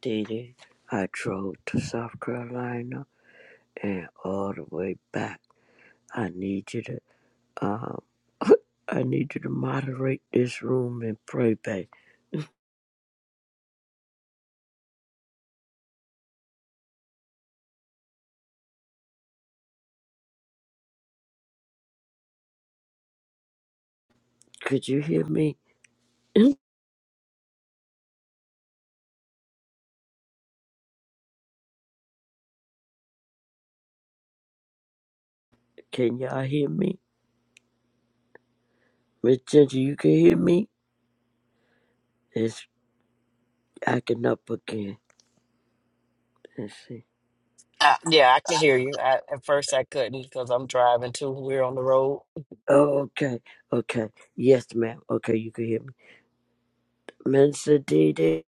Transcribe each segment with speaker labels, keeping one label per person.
Speaker 1: Didi. I drove to South Carolina and all the way back. I need you to um I need you to moderate this room and pray back. Could you hear me? can y'all hear me? Miss Ginger, you can hear me? It's acting up again. Let's see.
Speaker 2: Uh, yeah, I can hear you. I, at first, I couldn't because I'm driving too. We're on the road.
Speaker 1: Oh, okay. Okay. Yes, ma'am. Okay, you can hear me. Minister Didi,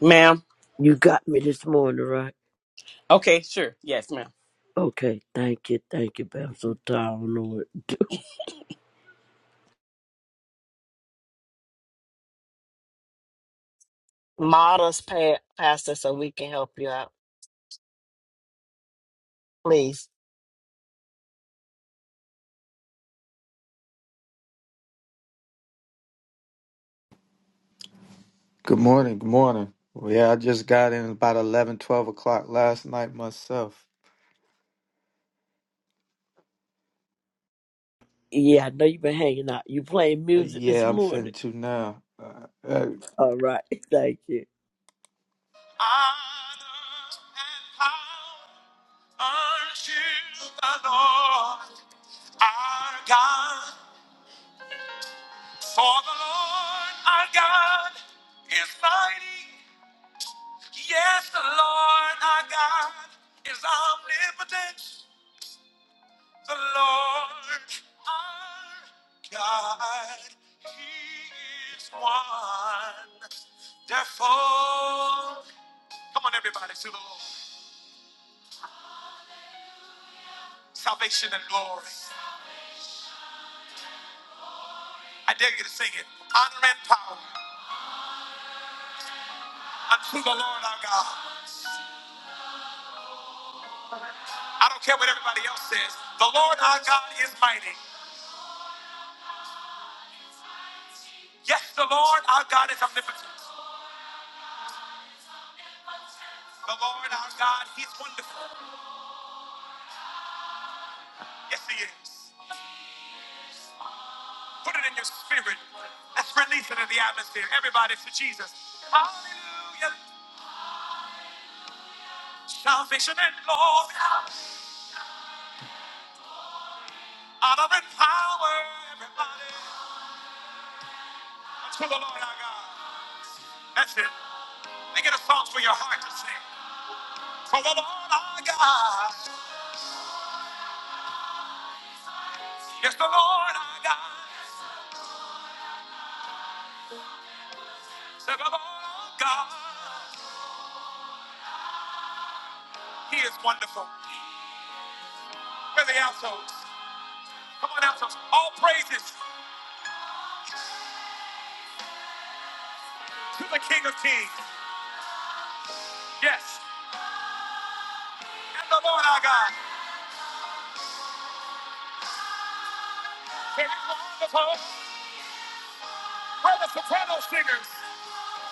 Speaker 3: Ma'am.
Speaker 1: you got me this morning, right?
Speaker 3: Okay, sure. Yes, ma'am.
Speaker 1: Okay, thank you, thank you, but I'm so tired, Lord.
Speaker 2: Models us pa- past us so we can help you out, please.
Speaker 4: Good morning. Good morning. Well, yeah, I just got in about eleven, twelve o'clock last night myself.
Speaker 1: Yeah, I know you've been hanging out. You playing
Speaker 4: Uh,
Speaker 1: music this
Speaker 4: Yeah, I'm
Speaker 1: morning.
Speaker 4: finna to now. Uh,
Speaker 1: All right. Thank you.
Speaker 4: uh, The Lord our God, He is one. Therefore, come on, everybody, to the Lord. Salvation and glory. I dare you to sing it. Honor and power unto the Lord our God. I don't care what everybody else says. The Lord our God is mighty. Yes, the Lord our God is omnipotent. The Lord our God, He's wonderful. Yes, He is. Put it in your spirit. Let's release it in the atmosphere. Everybody to Jesus. Hallelujah. Salvation and glory, honor and power, everybody. Unto the Lord our God. That's it. Make it a song for your heart to sing. For the Lord our God. Yes, the Lord our God. So the Lord our God. He is wonderful. Where are the altos? Come on, altos. All praises to the King of Kings. Yes. And the Lord our God. He is wonderful. All the soprano singers,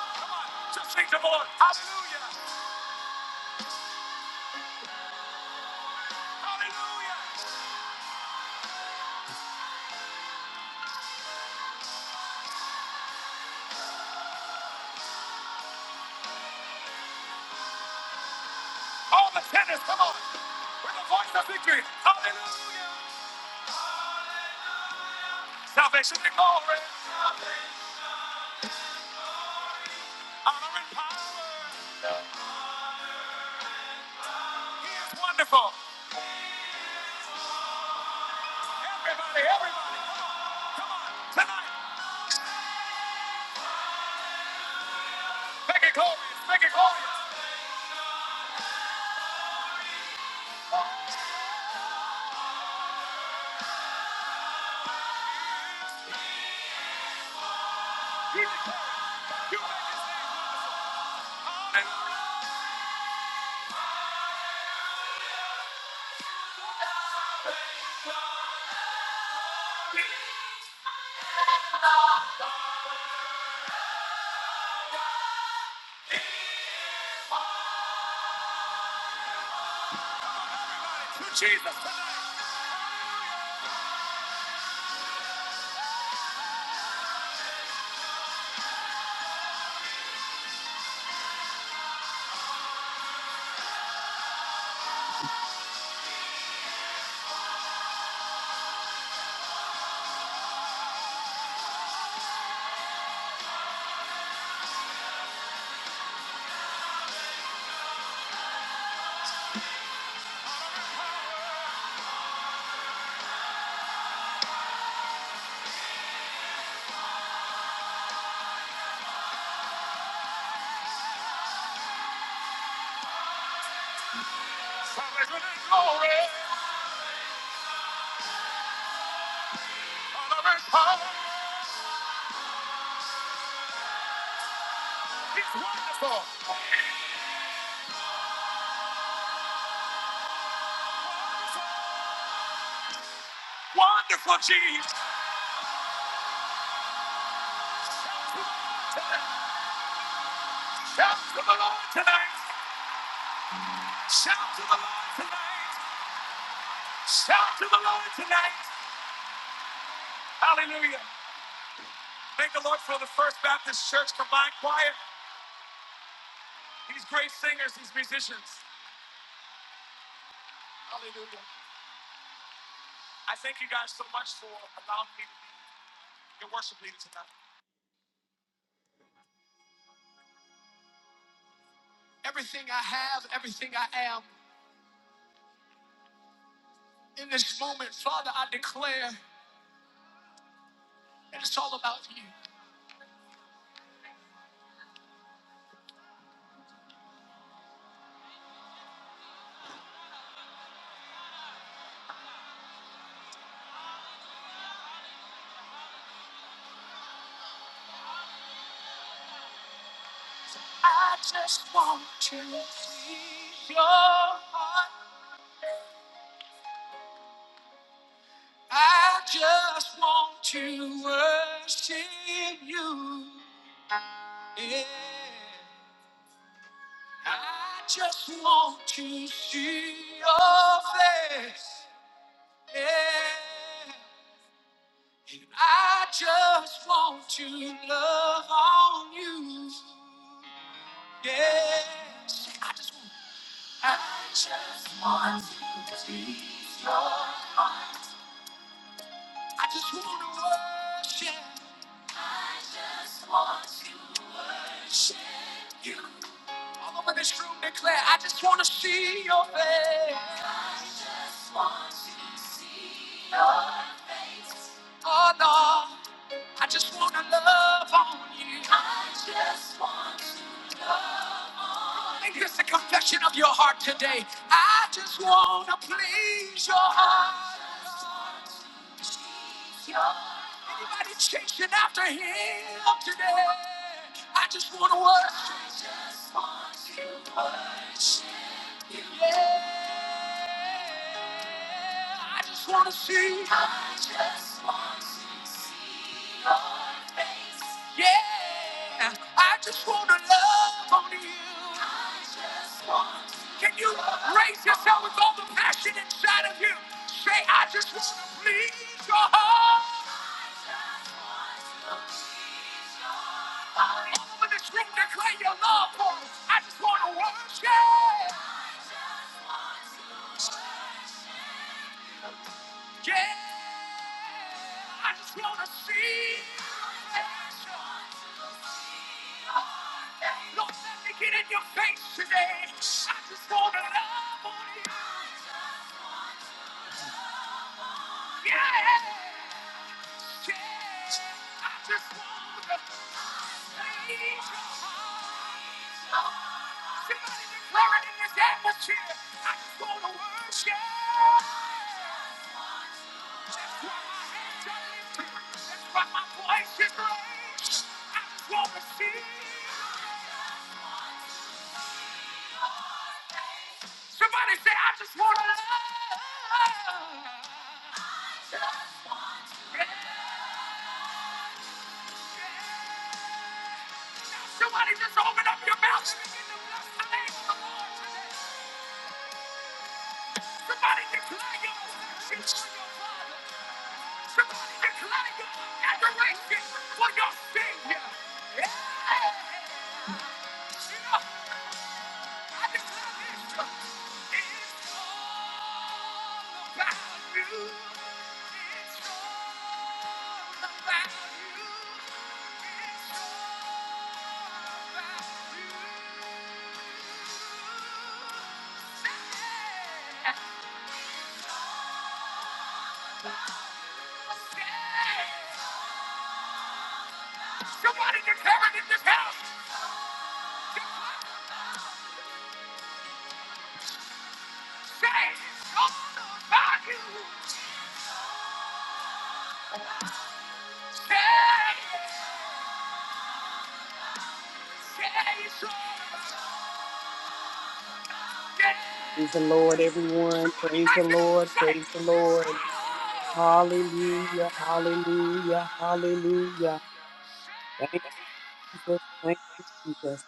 Speaker 4: come on, just sing to the Lord. Hallelujah, hallelujah. All the tenors, come on, with the voice of victory. Hallelujah, Salvation and glory. Honor and power. He is wonderful. Everybody, everybody, come on, come on, tonight. Make it glorious, make it glorious. Keep declare it. glorious. You make it sing. Hallelujah. to Jesus. Salvation and glory, honor and power. He's wonderful. Wonderful Jesus. Shout to the Lord tonight. Shout to the Lord tonight. Shout to the Lord tonight. Hallelujah. Thank the Lord for the First Baptist Church Combined Choir. These great singers, these musicians. Hallelujah. I thank you guys so much for allowing me to be your worship leader tonight. Everything I have, everything I am In this moment, Father, I declare that it's all about you. I just want to please your heart. I just want to worship you. Yeah. I just want to see your face. Yeah. And I just want to love on you. Yes. I just want to be your heart. I just want to worship. Worship you. All over this room declare, I just want to see your face. Oh Lord, I just want to love on you. I just want to. Make this a confession of your heart today. I just want to please your heart. Anybody chasing after him today? I just want to worship. I just want to worship you. Yeah. I just want to see. Yeah. I just want to love on you. Can you raise yourself with all the passion inside of you? Say, I just want to please your heart. All over this room, declare your love for him. I just want to worship. Yeah, I just wanna see your Lord, let me get in your face today. I just wanna love on you. Yeah, yeah, I just wanna see your heart. Somebody declare it in this atmosphere. I just wanna worship. That's why my hands are lifted. That's why my voice is raised. I just wanna see. Somebody say, I just want to love. Yeah. Somebody just open up your mouth and begin to bless the name of the Lord. today. Somebody declare your worship for your Father. Somebody declare say, Somebody declare it in this house. Say, it's all about you. Say, say, it's all about you.
Speaker 3: Praise the Lord, everyone.
Speaker 4: Somebody
Speaker 3: Praise the
Speaker 4: write it on the
Speaker 3: Lord.
Speaker 4: site.
Speaker 3: Praise the Lord. Hallelujah. Hallelujah. Hallelujah. Thank you, Jesus. Thank you, Jesus.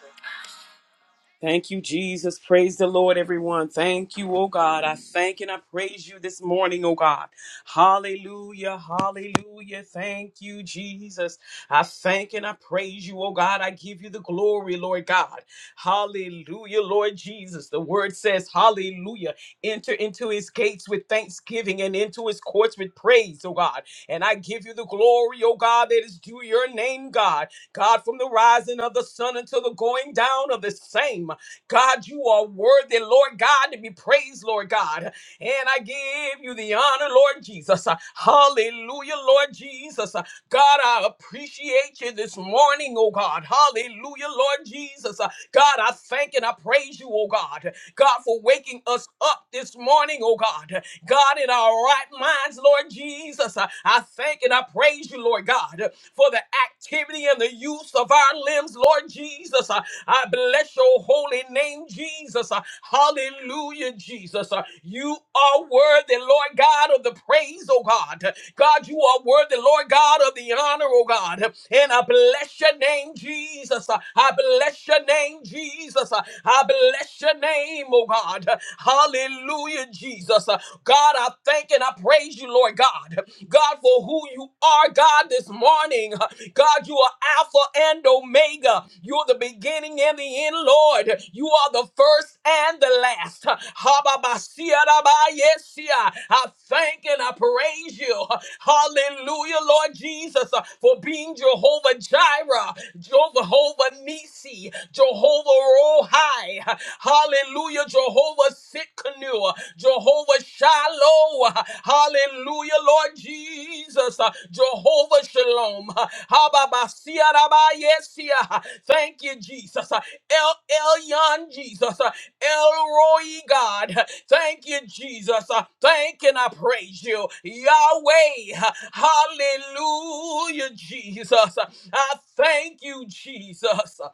Speaker 3: Thank you, Jesus. Praise the Lord, everyone. Thank you, oh God. I thank and I praise you this morning, oh God. Hallelujah, hallelujah. Thank you, Jesus. I thank and I praise you, oh God. I give you the glory, Lord God. Hallelujah, Lord Jesus. The word says, Hallelujah. Enter into his gates with thanksgiving and into his courts with praise, oh God. And I give you the glory, oh God, that is due your name, God. God, from the rising of the sun until the going down of the same. God, you are worthy, Lord God, to be praised, Lord God. And I give you the honor, Lord Jesus. Hallelujah, Lord Jesus. God, I appreciate you this morning, oh God. Hallelujah, Lord Jesus. Uh, God, I thank and I praise you, oh God. God, for waking us up this morning, oh God. God, in our right minds, Lord Jesus. Uh, I thank and I praise you, Lord God, for the activity and the use of our limbs, Lord Jesus. Uh, I bless your holy name, Jesus. Uh, Hallelujah. Hallelujah, Jesus. Uh, You are worthy, Lord God, of the praise, oh God. God, you are worthy, Lord God, of the honor, oh God. And I bless your name, Jesus. Uh, I bless your name, Jesus. Uh, I bless your name, oh God. Hallelujah, Jesus. Uh, God, I thank and I praise you, Lord God. God, for who you are, God, this morning. Uh, God, you are Alpha and Omega. You're the beginning and the end, Lord. You are the first and the last. Ha-ba-ba-sia-da-ba-yesia. I thank and I praise you. Hallelujah, Lord Jesus, uh, for being Jehovah Jireh, Jehovah Nisi, Jehovah Rohai. Hallelujah, Jehovah Sitkanu, Jehovah Shai. Shiloh. Hallelujah, Lord Jesus. Jehovah Shalom. Hababasiarabayesia. Thank you, Jesus. El Elyon, Jesus. Elroy, God. Thank you, Jesus. Thank and I praise you. Yahweh. Hallelujah, Jesus. I thank you, Jesus.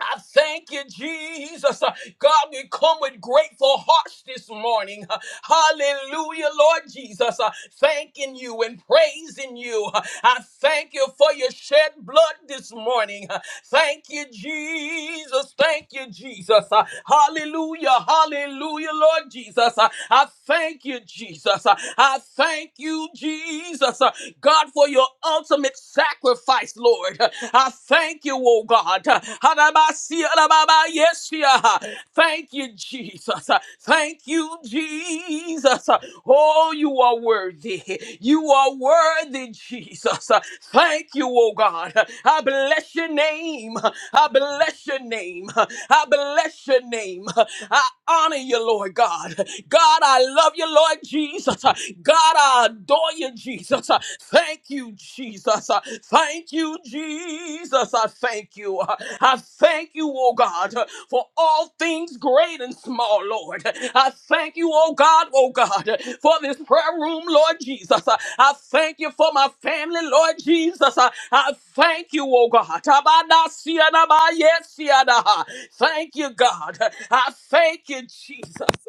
Speaker 3: I thank you, Jesus. Uh, God, we come with grateful hearts this morning. Uh, Hallelujah, Lord Jesus. Uh, Thanking you and praising you. Uh, I thank you for your shed blood this morning. Uh, Thank you, Jesus. Thank you, Jesus. Uh, Hallelujah, hallelujah, Lord Jesus. Uh, I thank you, Jesus. Uh, I thank you, Jesus. Uh, God, for your ultimate sacrifice sacrifice, Lord. I thank you, oh God. Hadabasi, alababa, Yes, yeah. Thank you, Jesus. Thank you, Jesus. Oh, you are worthy. You are worthy, Jesus. Thank you, oh God. I bless your name. I bless your name. I bless your name. I honor you, Lord God. God, I love you, Lord Jesus. God, adore you, Jesus. Uh, Thank you, Jesus. Uh, Thank you, Jesus. I thank you. Uh, I thank you, oh God, uh, for all things great and small, Lord. I thank you, oh God, oh God, uh, for this prayer room, Lord Jesus. Uh, I thank you for my family, Lord Jesus. Uh, I thank you, oh God. Tabanasianabayesiana. Thank you, God. I thank you, Jesus.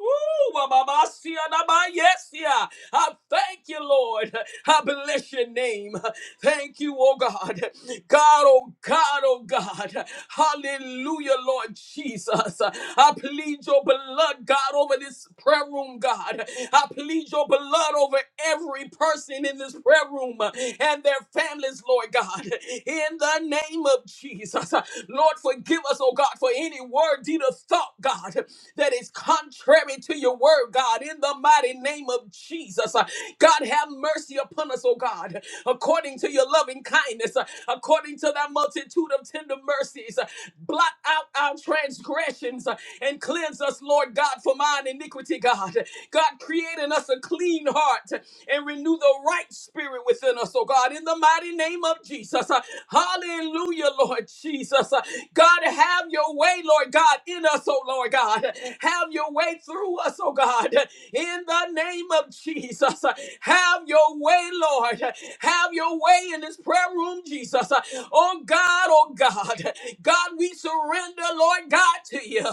Speaker 3: Ooh, ba, ba, ba, sia, da, ba, Yes, yeah. I thank you, Lord. I bless your name. Thank you, oh God. God, oh God, oh God. Hallelujah, Lord Jesus. I plead your blood, God, over this prayer room, God. I plead your blood over every person in this prayer room and their families, Lord God. In the name of Jesus. Lord, forgive us, oh God, for any word, deed, or thought, God, that is contrary to your word, God. In the mighty name of Jesus. God, have mercy upon us, oh God, according to your loving kindness, uh, according to thy multitude of tender mercies. uh, Blot out our transgressions uh, and cleanse us, Lord God, from our iniquity, God. God, create in us a clean heart and renew the right spirit within us, oh God, in the mighty name of Jesus. Uh, Hallelujah, Lord Jesus. Uh, God, have your way, Lord God, in us, oh Lord God. Have your way through us, oh God, in the name of Jesus. Have your way, Lord. Have your way in this prayer room, Jesus. Oh God, oh God. God, we surrender, Lord God, to you.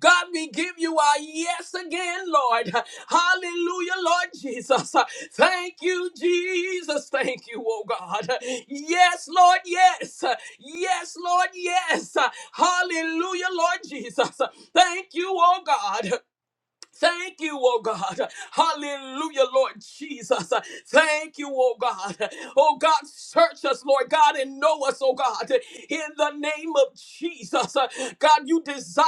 Speaker 3: God, we give you our yes again, Lord. Hallelujah, Lord Jesus. Thank you, Jesus. Thank you, oh God. Yes, Lord, yes. Yes, Lord, yes. Hallelujah, Lord Jesus. Thank you, oh God. Thank you, oh God. Hallelujah, Lord Jesus. Thank you, oh God. Oh God, search us, Lord God, and know us, oh God. In the name of Jesus. God, you desire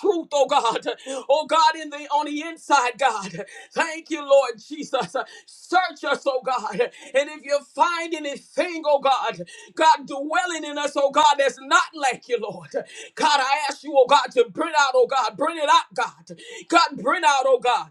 Speaker 3: truth, oh God. Oh God, in the on the inside inside, God. Thank you, Lord Jesus. Search us, oh God. And if you find anything, oh God, God dwelling in us, oh God, that's not like you, Lord. God, I ask you, oh God, to bring out, oh God, bring it out, God. God, bring out, oh God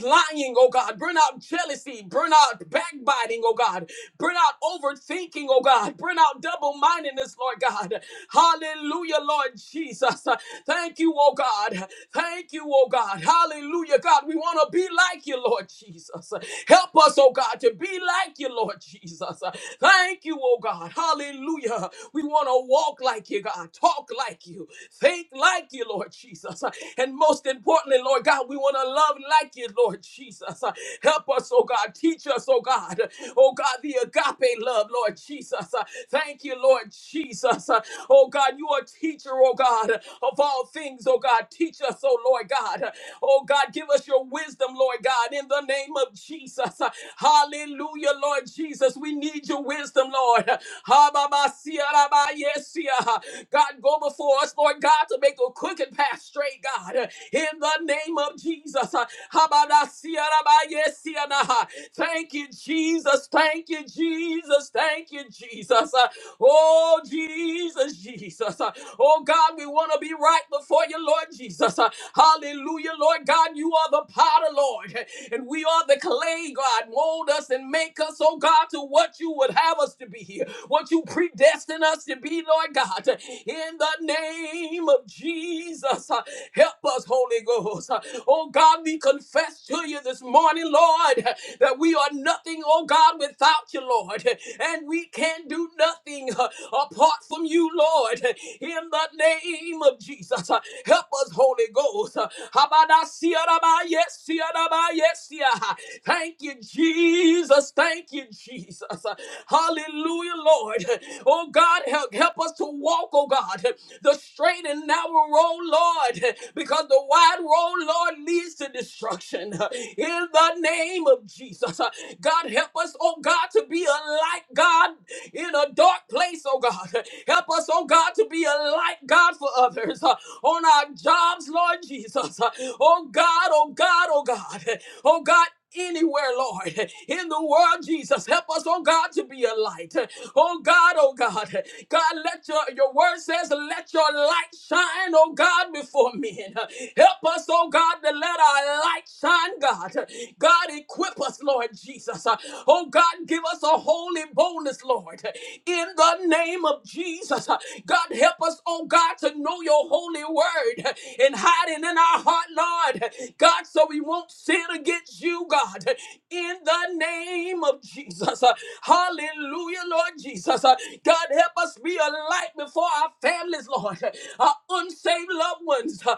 Speaker 3: lying, oh God. Burn out jealousy. Burn out backbiting, oh God. Burn out overthinking, oh God. Burn out double mindedness, Lord God. Hallelujah, Lord Jesus. Thank you, oh God. Thank you, oh God. Hallelujah, God. We want to be like you, Lord Jesus. Help us, oh God, to be like you, Lord Jesus. Thank you, oh God. Hallelujah. We want to walk like you, God. Talk like you. Think like you, Lord Jesus. And most importantly, Lord God, we want to love like you like you, Lord Jesus. Uh, Help us, oh God. Teach us, oh God. Oh God, the agape love, Lord Jesus. Uh, Thank you, Lord Jesus. Uh, Oh God, you are teacher, oh God, of all things, oh God. Teach us, oh Lord God. Oh God, give us your wisdom, Lord God, in the name of Jesus. Uh, Hallelujah, Lord Jesus. We need your wisdom, Lord. Ha, ba, ba, si, ah, da, ba, yes, si, ah. God, go before us, Lord God, to make a crooked path straight, God, in the name of Jesus. Habadasiyarabayesiyanaha. Thank you, Jesus. Thank you, Jesus. Thank you, Jesus. Uh, Oh, Jesus, Jesus. Uh, Oh, God, we want to be right before you, Lord Jesus. Uh, Hallelujah, Lord God. You are the potter, Lord, and we are the clay, God. Mold us and make us, oh God, to what you would have us to be here, what you predestined us to be, Lord God. In the name of Jesus, uh, help us, Holy Ghost. Uh, Oh God, God, we confess to you this morning, Lord, that we are nothing, oh God, without you, Lord, and we can do nothing uh, apart from you, Lord, in the name of Jesus. uh, Help us, Holy Ghost. uh, Habadasiyaraba, yes, yesiya. Thank you, Jesus. Thank you, Jesus. Uh, Hallelujah, Lord. Oh God, help, help us to walk, oh God, the straight and narrow road, Lord, because the wide road, Lord, leads to destruction. In the name of Jesus, God help us, oh God, to be a light, God, in a dark place, oh God. Help us, oh God, to be a light, God, for others uh, on our jobs, Lord Jesus. Uh, Oh God, oh God, oh God, oh God anywhere, Lord, in the world, Jesus. Help us, oh God, to be a light. Oh God, oh God. God, let your, your word says, let your light shine, oh God, before men. Help us, oh God, to let our light shine, God. God, equip us, Lord Jesus. Oh God, give us a holy boldness, Lord, in the name of Jesus. God, help us, oh God, to know your holy word and hide it in our heart heart, Lord. God, so we won't sin against you, God, in the name of Jesus. Hallelujah, Lord Jesus. God, help us be a light before our families, Lord, our unsaved loved ones. God,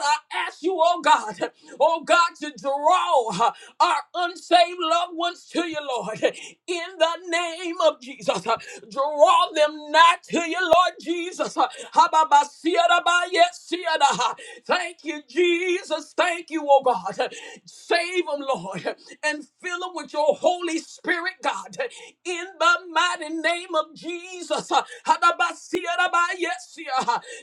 Speaker 3: I ask you, oh God, oh God, to draw our unsaved loved ones to you, Lord, in the name of Jesus. Draw them not to you, Lord Jesus. Thank you, Jesus. Thank you, oh God. Save them, Lord, and fill them with your Holy Spirit, God, in the mighty name of Jesus.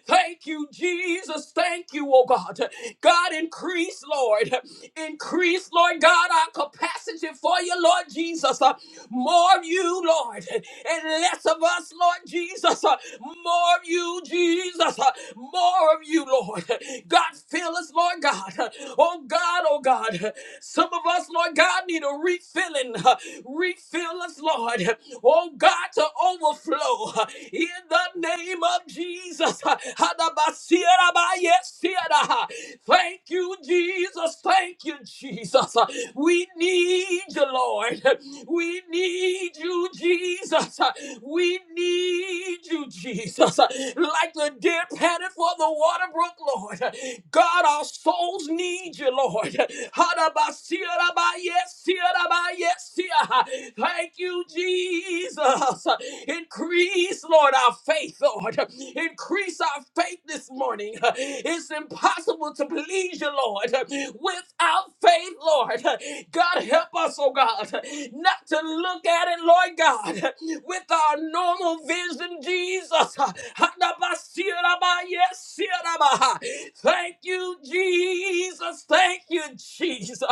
Speaker 3: Thank you, Jesus. Thank you, oh God. God, increase, Lord. Increase, Lord God, our capacity for you, Lord Jesus. More of you, Lord, and less of of us, Lord Jesus. Uh, More of you, Jesus. Uh, More of you, Lord. God, fill us, Lord God. Oh God, oh God. Some of us, Lord God, need a refilling. Uh, Refill us, Lord. Oh God, to overflow. In the name of Jesus. Uh, Hadabasirabayesira. Thank you, Jesus. Thank you, Jesus. Uh, We need you, Lord. We need you, Jesus. We need you, Jesus. Like the deer panted for the water brook, Lord. God, our souls need you, Lord. Thank you, Jesus. Increase, Lord, our faith, Lord. Increase our faith this morning. It's impossible to please you, Lord, without faith, Lord. God, help us, oh God, not to look at it, Lord God, with our normal vision, Jesus. Thank you, Jesus. Thank you, Jesus.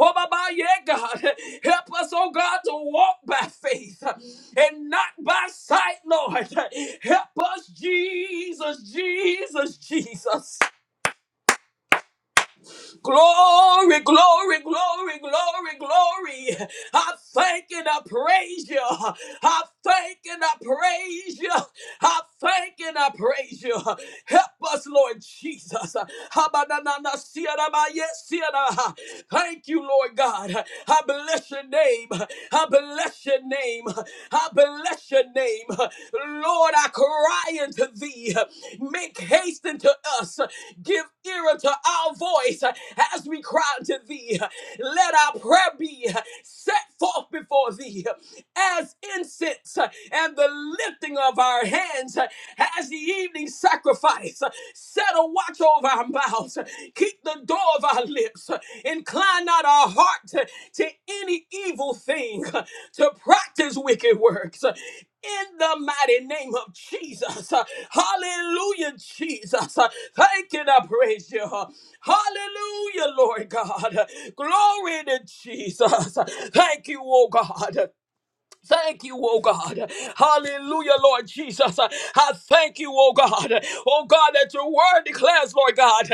Speaker 3: Oh, Baba, yeah, God. Help us, oh God, to walk by faith and not by sight, Lord. Help us, Jesus, Jesus, Jesus. Glory, glory, glory, glory, glory. I thank and I praise you. I thank and I praise you. I thank and I praise you. Help us, Lord Jesus. Habanana siara siara. Thank you, Lord God. I bless your name. I bless your name. I bless your name. Lord, I cry unto thee. Make haste unto us. Give ear unto our voice as we cry unto thee. Let our prayer be set forth before thee as incense and the lifting of our hands as the evening sacrifice. Set a watch over our mouths mouths. Keep the door of our lips. Incline not our heart to, to any evil thing, to practice wicked works. In the mighty name of Jesus. Hallelujah, Jesus. Thank you and I praise you. Hallelujah, Lord God. Glory to Jesus. Thank you, oh God. Thank you, oh God. Hallelujah, Lord Jesus. I thank you, oh God. Oh God, that your word declares, Lord God,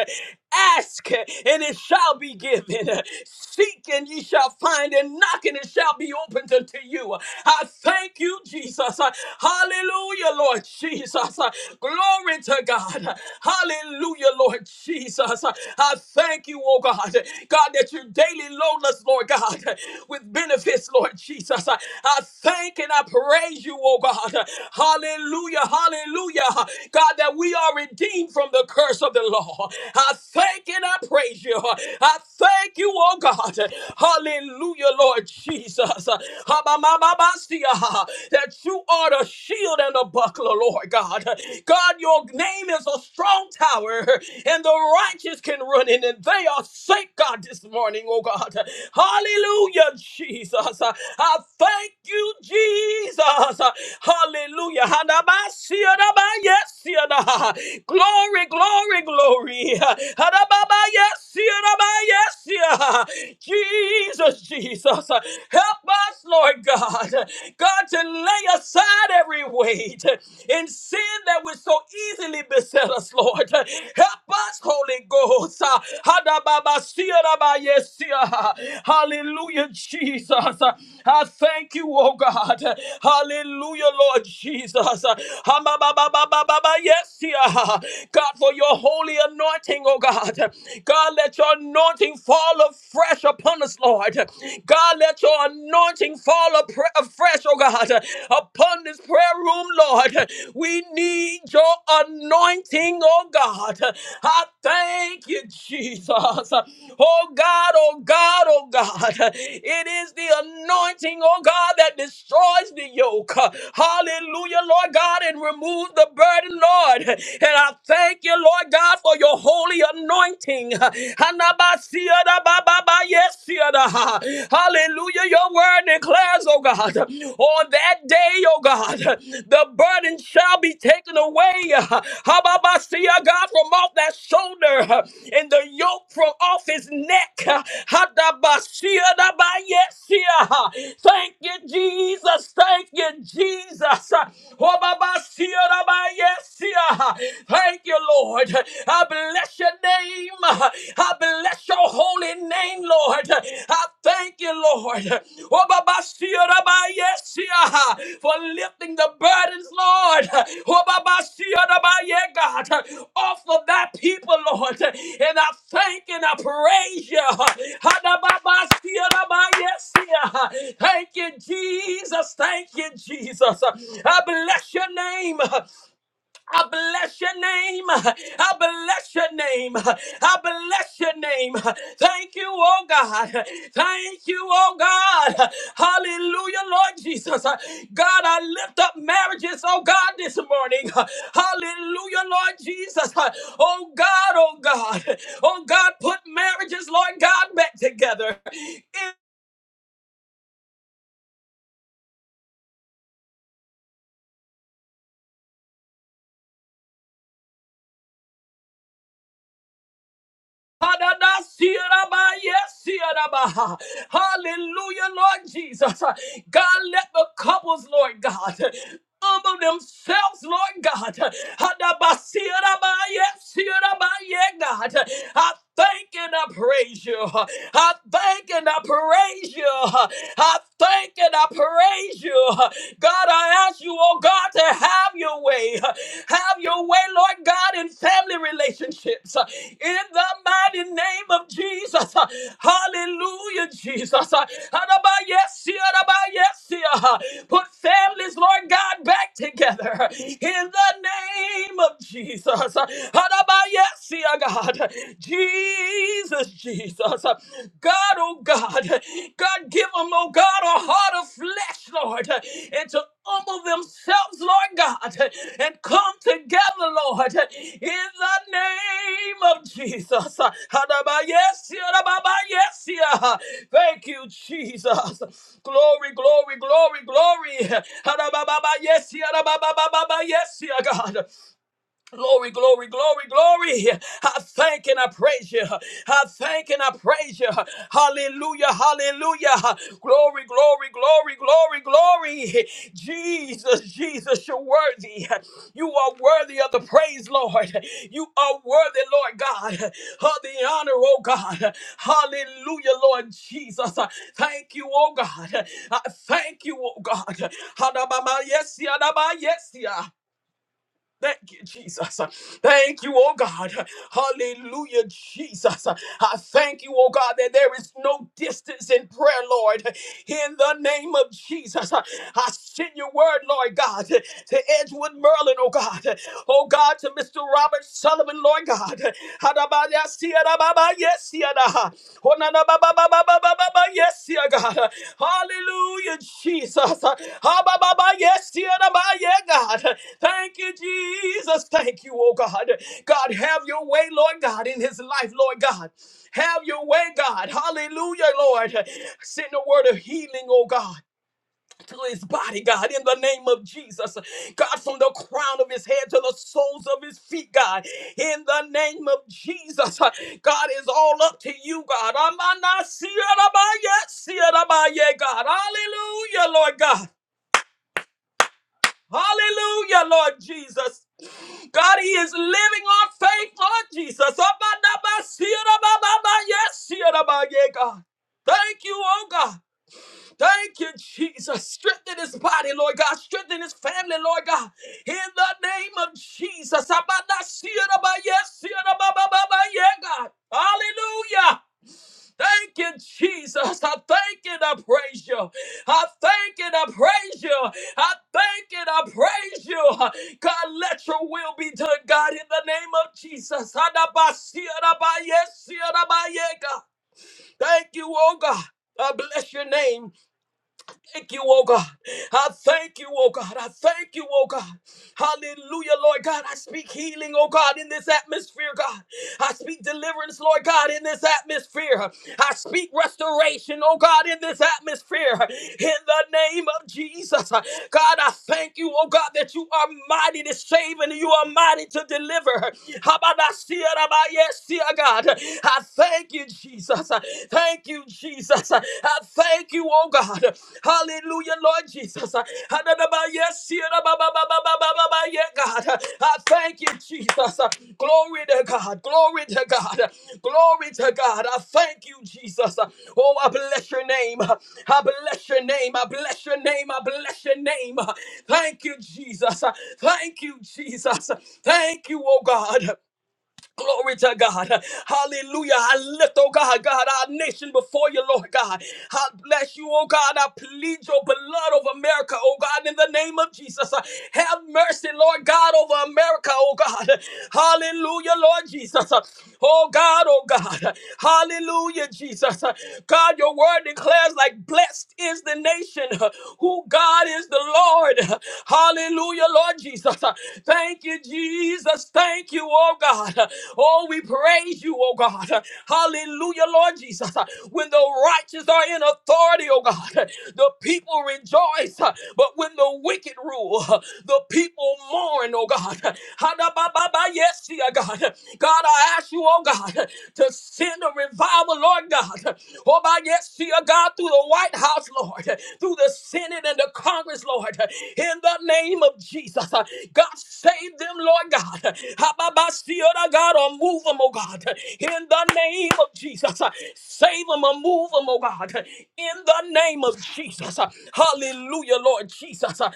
Speaker 3: ask and it shall be given. Seek and ye shall find, and knock and it shall be opened unto you. I thank you, Jesus. Hallelujah, Lord Jesus. Glory to God. Hallelujah, Lord Jesus. I thank you, oh God. God, that you daily load load us, Lord God, with benefits, Lord Jesus. I thank and I praise you, oh God. Hallelujah, hallelujah. God, that we are redeemed from the curse of the law. I thank and I praise you. I thank you, oh God. Hallelujah, Lord Jesus. Ha-ba-ba-ba-ba-sia. That you are the shield and the buckler, Lord God. God, your name is a strong tower, and the righteous can run in and they are safe, God, this morning, oh God. Hallelujah, Jesus. I thank you, Jesus. Hallelujah. Hadabasiadaba, Yes, yada. glory, glory, glory. Hadababa, Yes, yadaba, yes, yeah. Jesus, Jesus. Help us, Lord God. God, to lay aside every weight and sin sin that would so easily beset us, Lord. Help us, Holy Ghost. Hadababasiyarabayesia. Hallelujah, Jesus. I thank you, oh God. Hallelujah, Lord Jesus. Hamabababababayesia. God, for your holy anointing, oh God. God, let your anointing fall afresh upon us, Lord. God, let your anointing fall afre- afresh fresh, oh God, upon this prayer room, Lord. We need your anointing, oh God. I thank you, Jesus. Oh God, oh God, oh God. It is the anointing, oh God, that destroys the yoke. Hallelujah, Lord God, and removes the burden, Lord. And I thank you, Lord God, for your holy anointing. Hanabasiya da ba ba ba, yes, Hallelujah. Your word declares, oh God, on that day, oh God, the burden shall be taken away. Hababasia, God, from off that shoulder and the yoke from off his neck. Hadabasia, dabayesia. Thank you, Jesus. Thank you, Jesus. Hobabasia, dabayesia. Thank you, Lord. I bless you bless your name. I bless your holy name, Lord. I thank you, Lord. Oh, Baba, see you, Rabbi, yes, see you, For lifting the burdens, Lord. Oh, Baba, see you, Rabbi, yeah, God. Off of that people, Lord. And I thank and I praise you. Hada, Baba, see you, Rabbi, yes, see you. Thank you, Jesus. Thank you, Jesus. I bless your name. I bless your name. I bless your name. I bless your name. Thank you, oh God. Thank you, oh God. Hallelujah, Lord Jesus. God, I lift up marriages, oh God, this morning. Hallelujah, Lord Jesus. Oh God, oh God. Oh God, put marriages, Lord God, back together Hallelujah, Lord Jesus. God, let the couples, Lord God, humble themselves, Lord God. Hadabasiraba, yesiraba, yeah, God. I thank and I praise you. I thank and I praise you. I thank and I praise you. God, I ask you, oh God, to have your way. Have your way, Lord God, in family relationships. In the mighty name of Jesus. Hallelujah, Jesus. Adabayesia, adabayesia. Put families, Lord God, back together. In the name of Jesus. Adabayesia, God. Jesus, Jesus. Jesus. God, oh God, God, give them, oh God, a heart of flesh, Lord, and to humble themselves, Lord God, and come together, Lord, in the name of Jesus. Hadabayesia, hadabayesia. Thank you, Jesus. Glory, glory, glory, glory. Hadababayesia, hadabababayesia, God. Glory, glory, glory, glory. I thank and I praise you. I thank and I praise you. Hallelujah, hallelujah. Glory, glory, glory, glory, glory. Jesus, Jesus, you're worthy. You are worthy of the praise, Lord. You are worthy, Lord God, of the honor, oh God. Hallelujah, Lord Jesus. Thank you, oh God. I thank you, oh God. Hadabama, Yes, yadaba, yes, yeah. Thank you, Jesus. Thank you, oh God. Hallelujah, Jesus. I thank you, oh God, that there is no distance in prayer, Lord. In the name of Jesus, I send your word, Lord God, to Edgewood Merlin, oh God. Oh God, to Mr. Robert Sullivan, Lord God yes, Yada. Honana ba ba ba ba ba ba ba ba, yes, ya God. Hallelujah, Jesus. Ha ba ba ba, yes, Yada ba, yeah, God. Thank you, Jesus. Thank you, oh God. God, have your way, Lord God, in his life, Lord God. Have your way, God. Hallelujah, Lord. Send a word of healing, oh God to his body, God, in the name of Jesus. God, from the crown of his head to the soles of his feet, God, in the name of Jesus. God is all up to you, God. Amanasiyarabayasiyarabaye, God. Hallelujah, Lord God. Hallelujah, Lord Jesus. God, He is living on faith, Lord Jesus. Amanabasiyarabababayasiyarabaye, God. Thank you, oh God. Thank you, Jesus. Strengthen his body, Lord God. Strengthen his family, Lord God. In the name of Jesus. Abada siyada ba yes, siyada ba ba yeah, God. Hallelujah. Thank you, Jesus. I thank you and I praise you. I thank you and I praise you. I thank you and I praise you. God, let your will be done, God, in the name of Jesus. Adaba siyada ba yes, siyada ba yeah, Thank you, oh God. I bless your name thank you, oh God. I thank you, oh God. I thank you, oh God. Hallelujah, Lord God. I speak healing, oh God, in this atmosphere, God. I speak deliverance, Lord God, in this atmosphere. I speak restoration, oh God, in this atmosphere. In the name of Jesus. God, I thank you, oh God, that you are mighty to save and you are mighty to deliver. Habadasia rabayesia, God. I thank you, Jesus. Thank you, Jesus. I thank you, oh God. Hallelujah. Hallelujah, Lord Jesus. Yes, yadababababababa, yeah, God. Uh, I thank you, Jesus. Uh, Glory to God. Glory to God. Glory to God. I thank you, Jesus. Uh, Oh, I bless your name. Uh, I bless your name. I bless your name. I bless your name. Uh, Thank you, Jesus. Uh, Thank you, Jesus. Uh, Thank you, oh God. Glory to God. Hallelujah. I lift, oh God, God, our nation before you, Lord God. I bless you, oh God. I plead your blood over America, oh God, in the name of Jesus. Have mercy, Lord God, over America, oh God. Hallelujah, Lord Jesus. Oh God, oh God. Hallelujah, Jesus. God, your word declares like blessed is the nation who God is the Lord. Hallelujah, Lord Jesus. Thank you, Jesus. Thank you, oh God. Oh, we praise you, oh God. Hallelujah, Lord Jesus. When the righteous are in authority, oh God, the people rejoice. But when the wicked rule, the people mourn, oh God. Ha-da-ba-ba-ba, Yes, dear God. God, I ask you, oh God, to send a revival, Lord God. Oh, my yes, dear God, through the White House, Lord, through the Senate and the Congress, Lord, in the name of Jesus. God, save them, Lord God. Ha-ba-ba-ba, God, or move them, oh God, in the name of Jesus. Save them or move them, oh God, in the name of Jesus. Hallelujah, Lord Jesus. I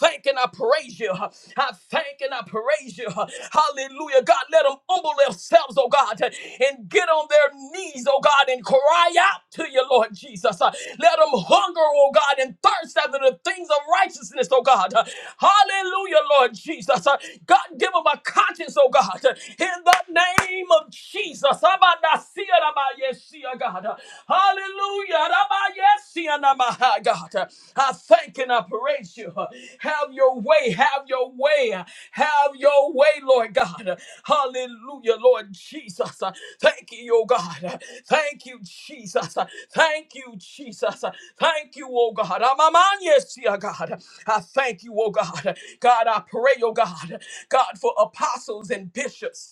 Speaker 3: thank and I praise you. I thank and I praise you. Hallelujah. God, let them humble themselves, oh God, and get on their knees, oh God, and cry out to you, Lord Jesus. Let them hunger, oh God, and thirst after the things of righteousness, oh God. Hallelujah, Lord Jesus. God, give them a conscience, oh God. in in the name of Jesus. Abadasia rabayesia, God. Hallelujah. Rabayesia namaha, God. I thank and I praise you. Have your way. Have your way. Have your way, Lord God. Hallelujah, Lord Jesus. Thank you, oh God. Thank you, Jesus. Thank you, Jesus. Thank you, oh God. Amamanyesia, God. I thank you, oh God. God, I pray, oh God. God, for apostles and bishops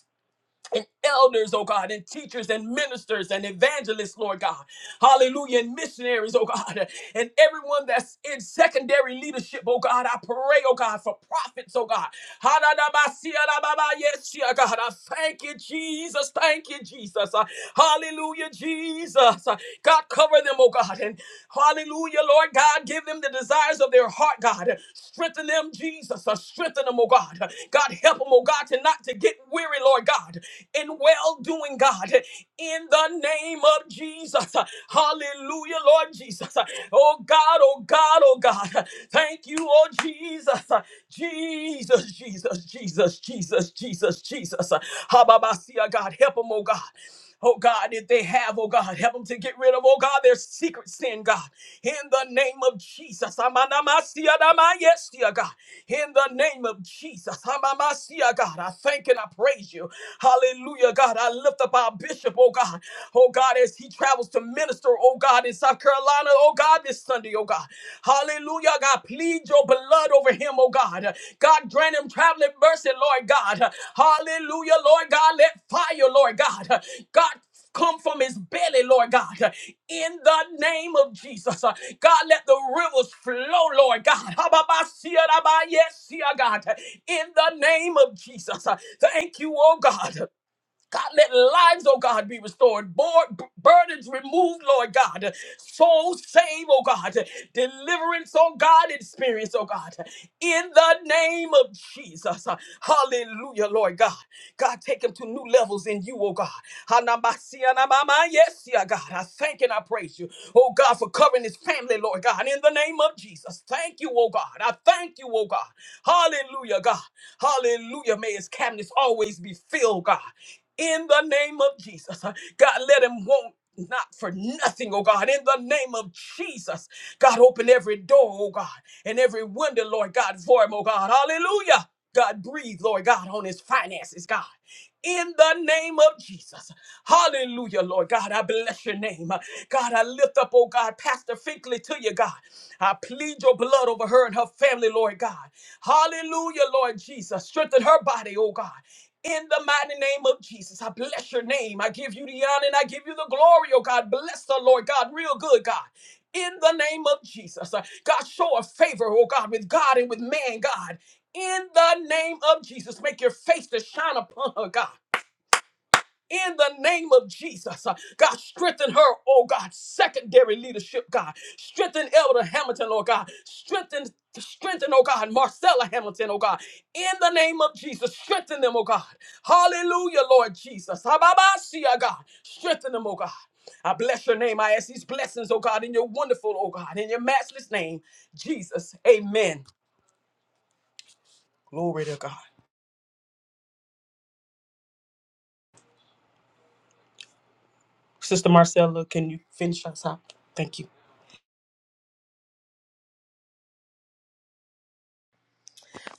Speaker 3: and elders, oh God, and teachers and ministers and evangelists, Lord God. Hallelujah. And missionaries, oh God, and everyone that's in secondary leadership, oh God. I pray, oh God, for prophets, oh God. Ha-da-da-ba-si-ya-da-ba-ba-yes-ya, God, I thank you, Jesus. Thank you, Jesus. Uh, Hallelujah, Jesus. Uh, God, cover them, oh God. And hallelujah, Lord God, give them the desires of their heart, God. Strengthen them, Jesus. Uh, Strengthen them, oh God. God, help them, oh God, to not to get weary, Lord God in well doing, God, in the name of Jesus. Hallelujah, Lord Jesus. Oh God, oh God, oh God. Thank you, oh Jesus. Jesus, Jesus, Jesus, Jesus, Jesus, Jesus. Hababasia, God, help them, oh God. Oh God, if they have, oh God, help them to get rid of, oh God, their secret sin, God. In the name of Jesus. Amanamasiadama, Yes, dear God. In the name of Jesus. Amamasia, God. I thank and I praise you. Hallelujah, God. I lift up our bishop, oh God. Oh God, as he travels to minister, oh God, in South Carolina, oh God, this Sunday, oh God. Hallelujah, Lord God, plead your blood over him, oh God. God, grant him traveling mercy, Lord God. Hallelujah, Lord God. Let fire, Lord God. God, come from his belly, Lord God. In the name of Jesus. Uh, God, let the rivers flow, Lord God. Hababasiyarabayesiya, God. In the name of Jesus. Uh, Thank you, oh God. God, let lives, oh God, be restored. Board, burdens removed, Lord God. Souls saved, oh God. Deliverance, oh God, experience, oh God. In the name of Jesus. Hallelujah, Lord God. God, take him to new levels in you, oh God. Hanamasia namama, Yes, yeah, God. I thank and I praise you, oh God, for covering his family, Lord God. In the name of Jesus. Thank you, oh God. I thank you, oh God. Hallelujah, God. Hallelujah. May his cabinets always be filled, God in the name of Jesus. Uh, God, let him want not for nothing, oh God, in the name of Jesus. God, open every door, oh God, and every window, Lord God, for him, oh God. Hallelujah. God, breathe, Lord God, on his finances, God in the name of Jesus. Hallelujah, Lord God. I bless your name. God, I lift up, oh God, Pastor Finkley to you, God. I plead your blood over her and her family, Lord God. Hallelujah, Lord Jesus. Strengthen her body, oh God. In the mighty name of Jesus, I bless your name. I give you the honor and I give you the glory, oh God. Bless the Lord God, real good, God. In the name of Jesus, Uh, God, show a favor, oh God, with God and with man, God in the name of Jesus. Make your face to shine upon her, God. In the name of Jesus, Uh, God, strengthen her, oh God, secondary leadership, God. Strengthen Elder Hamilton, oh God. Strengthen, strengthen, oh God, Marcella Hamilton, oh God. In the name of Jesus, strengthen them, oh God. Hallelujah, Lord Jesus. Hababasia, God. Strengthen them, oh God. I bless your name. I ask these blessings, oh God, in your wonderful, oh God, in your matchless name, Jesus. Amen. Glory to God. Sister Marcella, can you finish us out? Thank you.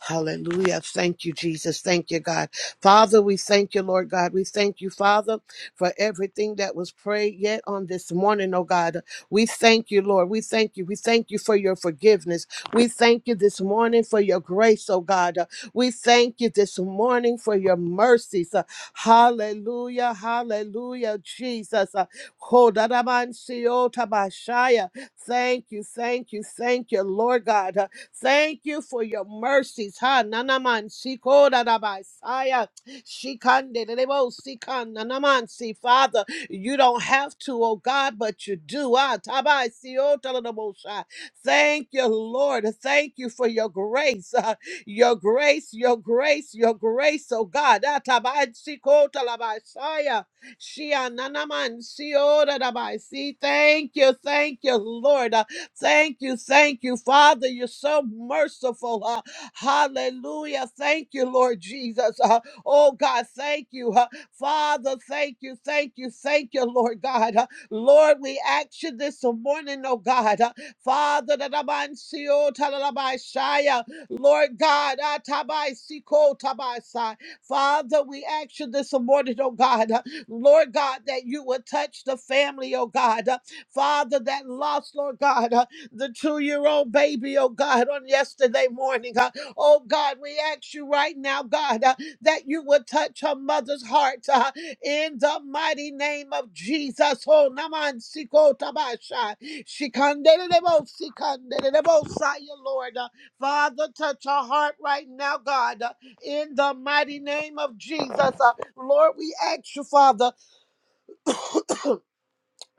Speaker 5: Hallelujah. Thank you, Jesus. Thank you, God. Father, we thank you, Lord God. We thank you, Father, for everything that was prayed yet on this morning, oh God. We thank you, Lord. We thank you. We thank you for your forgiveness. We thank you this morning for your grace, oh God. We thank you this morning for your mercies. Uh, Hallelujah. Hallelujah, Jesus. Uh, Kodadamansiyotabashaya. Thank you, thank you, thank you, Lord God. Thank you for your mercies. Ha nanaman sikoda dabasaya. Shikande debo sikan nanaman si Father. You don't have to, oh God, but you do. Ah tabai siota dabosha. Thank you, Lord. Thank you for your grace. Ah, your grace, your grace, your grace, oh God. Ah tabai sikota labasaya. Shia nanaman siota dabasi. Thank you, thank you, Lord. Thank you, thank you, Father. You're so merciful. Uh, hallelujah. Thank you, Lord Jesus. Uh, oh, God, thank you. Uh, Father, thank you, thank you, thank you, Lord God. Uh, Lord, we ask you this morning, oh God. Uh, Father, that I'm on seal, talalabashaya. Lord God, ah, tabai siko, tabai sai. Father, we ask you this morning, oh God. Uh, Lord God, that you would touch the family, oh God. Uh, Father, that lost, Lord God. huh? the two year old baby, oh God, on yesterday morning. uh, oh God, we ask you right now, God, uh, that you would touch her mother's heart uh, in the mighty name of Jesus. Oh, Naman Siko Tabasha. Shikandelebo, Sikandelebo, Saya, Lord. Uh, Father, touch her heart right now, God, uh, in the mighty name of Jesus. Uh, Lord, we ask you, Father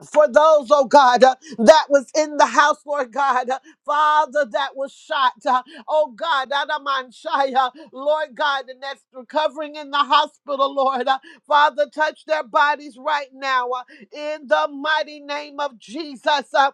Speaker 5: for those, oh God, uh, that was in the house, Lord God, uh, Father, that was shot, uh, oh God, Adamanshaya, Lord God, and that's recovering in the hospital, Lord. uh, Father, touch their bodies right now uh, in the mighty name of Jesus. uh,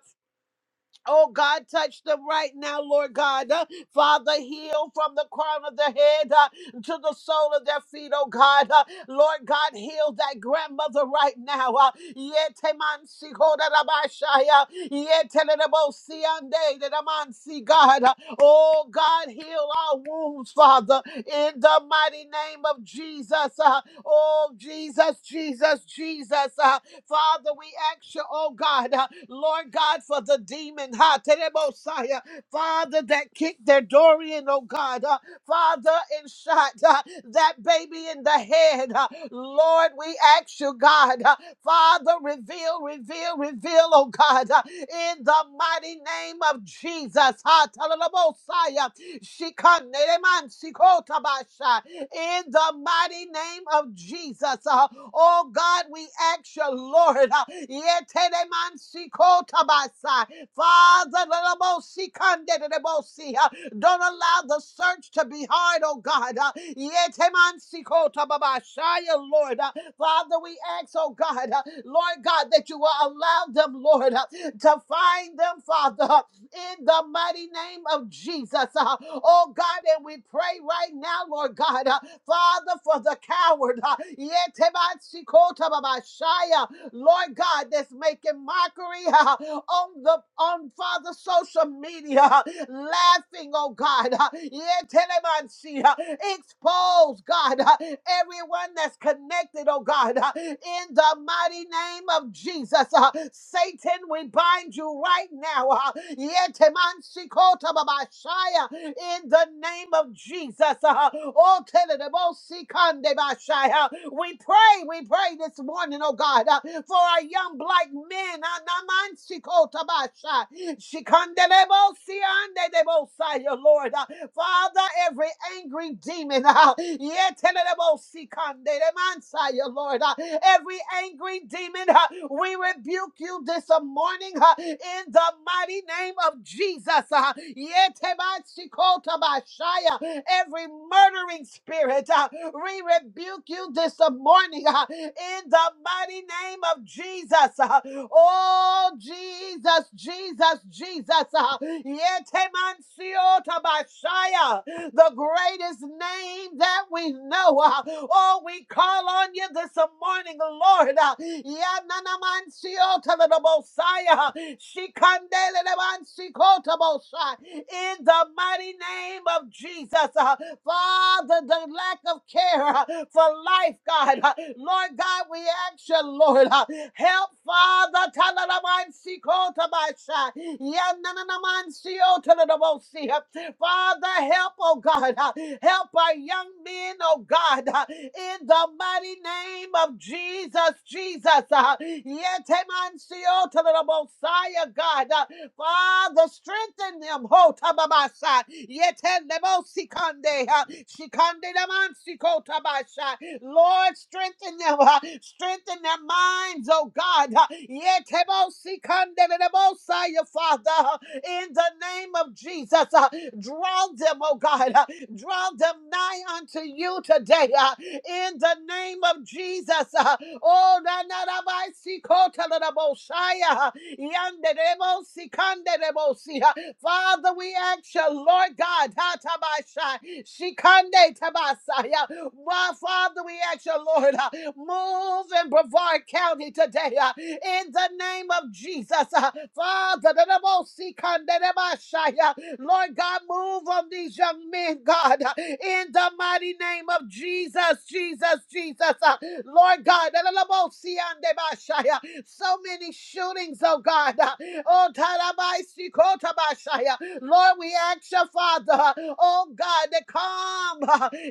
Speaker 5: Oh God, touch them right now, Lord God. Uh, Father, heal from the crown of their head uh, to the sole of their feet, oh God. Uh, Lord God, heal that grandmother right now. Uh, Yetemansi kodarabashaya, yetelelebosiande dedamansi, God. Uh, Oh God, heal our wounds, Father, in the mighty name of Jesus. Uh, Oh Jesus, Jesus, Jesus. Uh, Father, we ask you, oh God, uh, Lord God, for the demon, ha, Terebosai, uh, Father, that kicked their door in, oh God, uh, Father, and shot uh, that baby in the head. uh, Lord, we ask you, God, uh, Father, reveal, reveal, reveal, oh God, uh, in the mighty name of Jesus. ha, Terebosai, uh, Shikane, Reman, Sikotabasha, In the mighty name of Jesus. uh, Oh God, we ask you, Lord, uh, yeteremansikotobasai. Father, lelobosikanderebosi, uh, don't allow the search to be hard, oh God. uh, yetemansikotobabashai, Lord, Uh, Father, we ask, oh God, uh, Lord God, that you will allow them, Lord, uh, to find them, Father. uh, in the mighty name of Jesus. Uh, oh God, and we pray right now, Lord God, uh, Father, for the coward. Uh, Yetebatsikota babashaya, Lord God, that's making mockery uh, on the on Father social media, uh, laughing, oh God. uh, yeah, telemancy, uh, Expose, God, uh, everyone that's connected, oh God, uh, in the mighty name of Jesus. uh, Satan, we bind you right now. uh, yeah, temansi kota babashaya, In the the name of Jesus. Uh, oh, tell it about Sikande Bashai. Uh, We pray, we pray this morning, oh God, uh, for our young black men. Uh, Naman Sikota Bashai. Shikandelebo Siandebo Sai, Your Lord. Uh, Father, every angry demon, uh, yeah, tell it about Sikande Deman Sai, Your Lord. Uh, Every angry demon, uh, huh, we rebuke you this morning huh, in the mighty name of Jesus. huh. Yetebatsikotobashaya. Every murdering spirit, huh, we rebuke you this morning huh, in the mighty name of Jesus. huh. Oh, Jesus, Jesus, Jesus. huh. Yetemansiotabashaya the greatest name that we know. uh, Oh, we call on you this morning, Lord. uh, Yananamansiotaladabosai, uh, Shikandelelemansikotobosai, In the mighty name of Jesus, uh, Father, the lack of care uh, for life, God, uh, Lord God. God, we ask you, Lord, uh, help, Father, Talalamansi Kotabasha, Yananamansi Otalabosi. Father, help, oh God, uh, help our young men, oh God, uh, in the mighty name of Jesus, Jesus, uh, Yetemansi Otalabosaya, God, uh, Father, strengthen them. Ho tababasa. Yetelebosikande. ha, Shikandedamansiko tabasha. Lord, strengthen them. ha, Strengthen their minds, oh God. ha. Yetebosikandedebosaya, Father in the name of Jesus. Uh, draw them, oh God. Uh, draw them nigh unto you today uh, in the name of Jesus. Uh, oh, na na na by si kota na na bo shai, uh, yande de bo si kande de bo si, uh, Father, we ask you, Lord God, ha, tabashai, shikande tabasaya. Well, Father, we ask you, Lord, uh, move in Brevard County today uh, in the name of Jesus. uh, Father, the double sikande tabashaya. Lord God, move on these young men, God, uh, in the mighty name of Jesus, Jesus, Jesus. uh, Lord God, the double siande bashaya. So many shootings, oh God. Oh, tarabaisi kotabashaya. Lord, we ask your Father, oh God, to calm,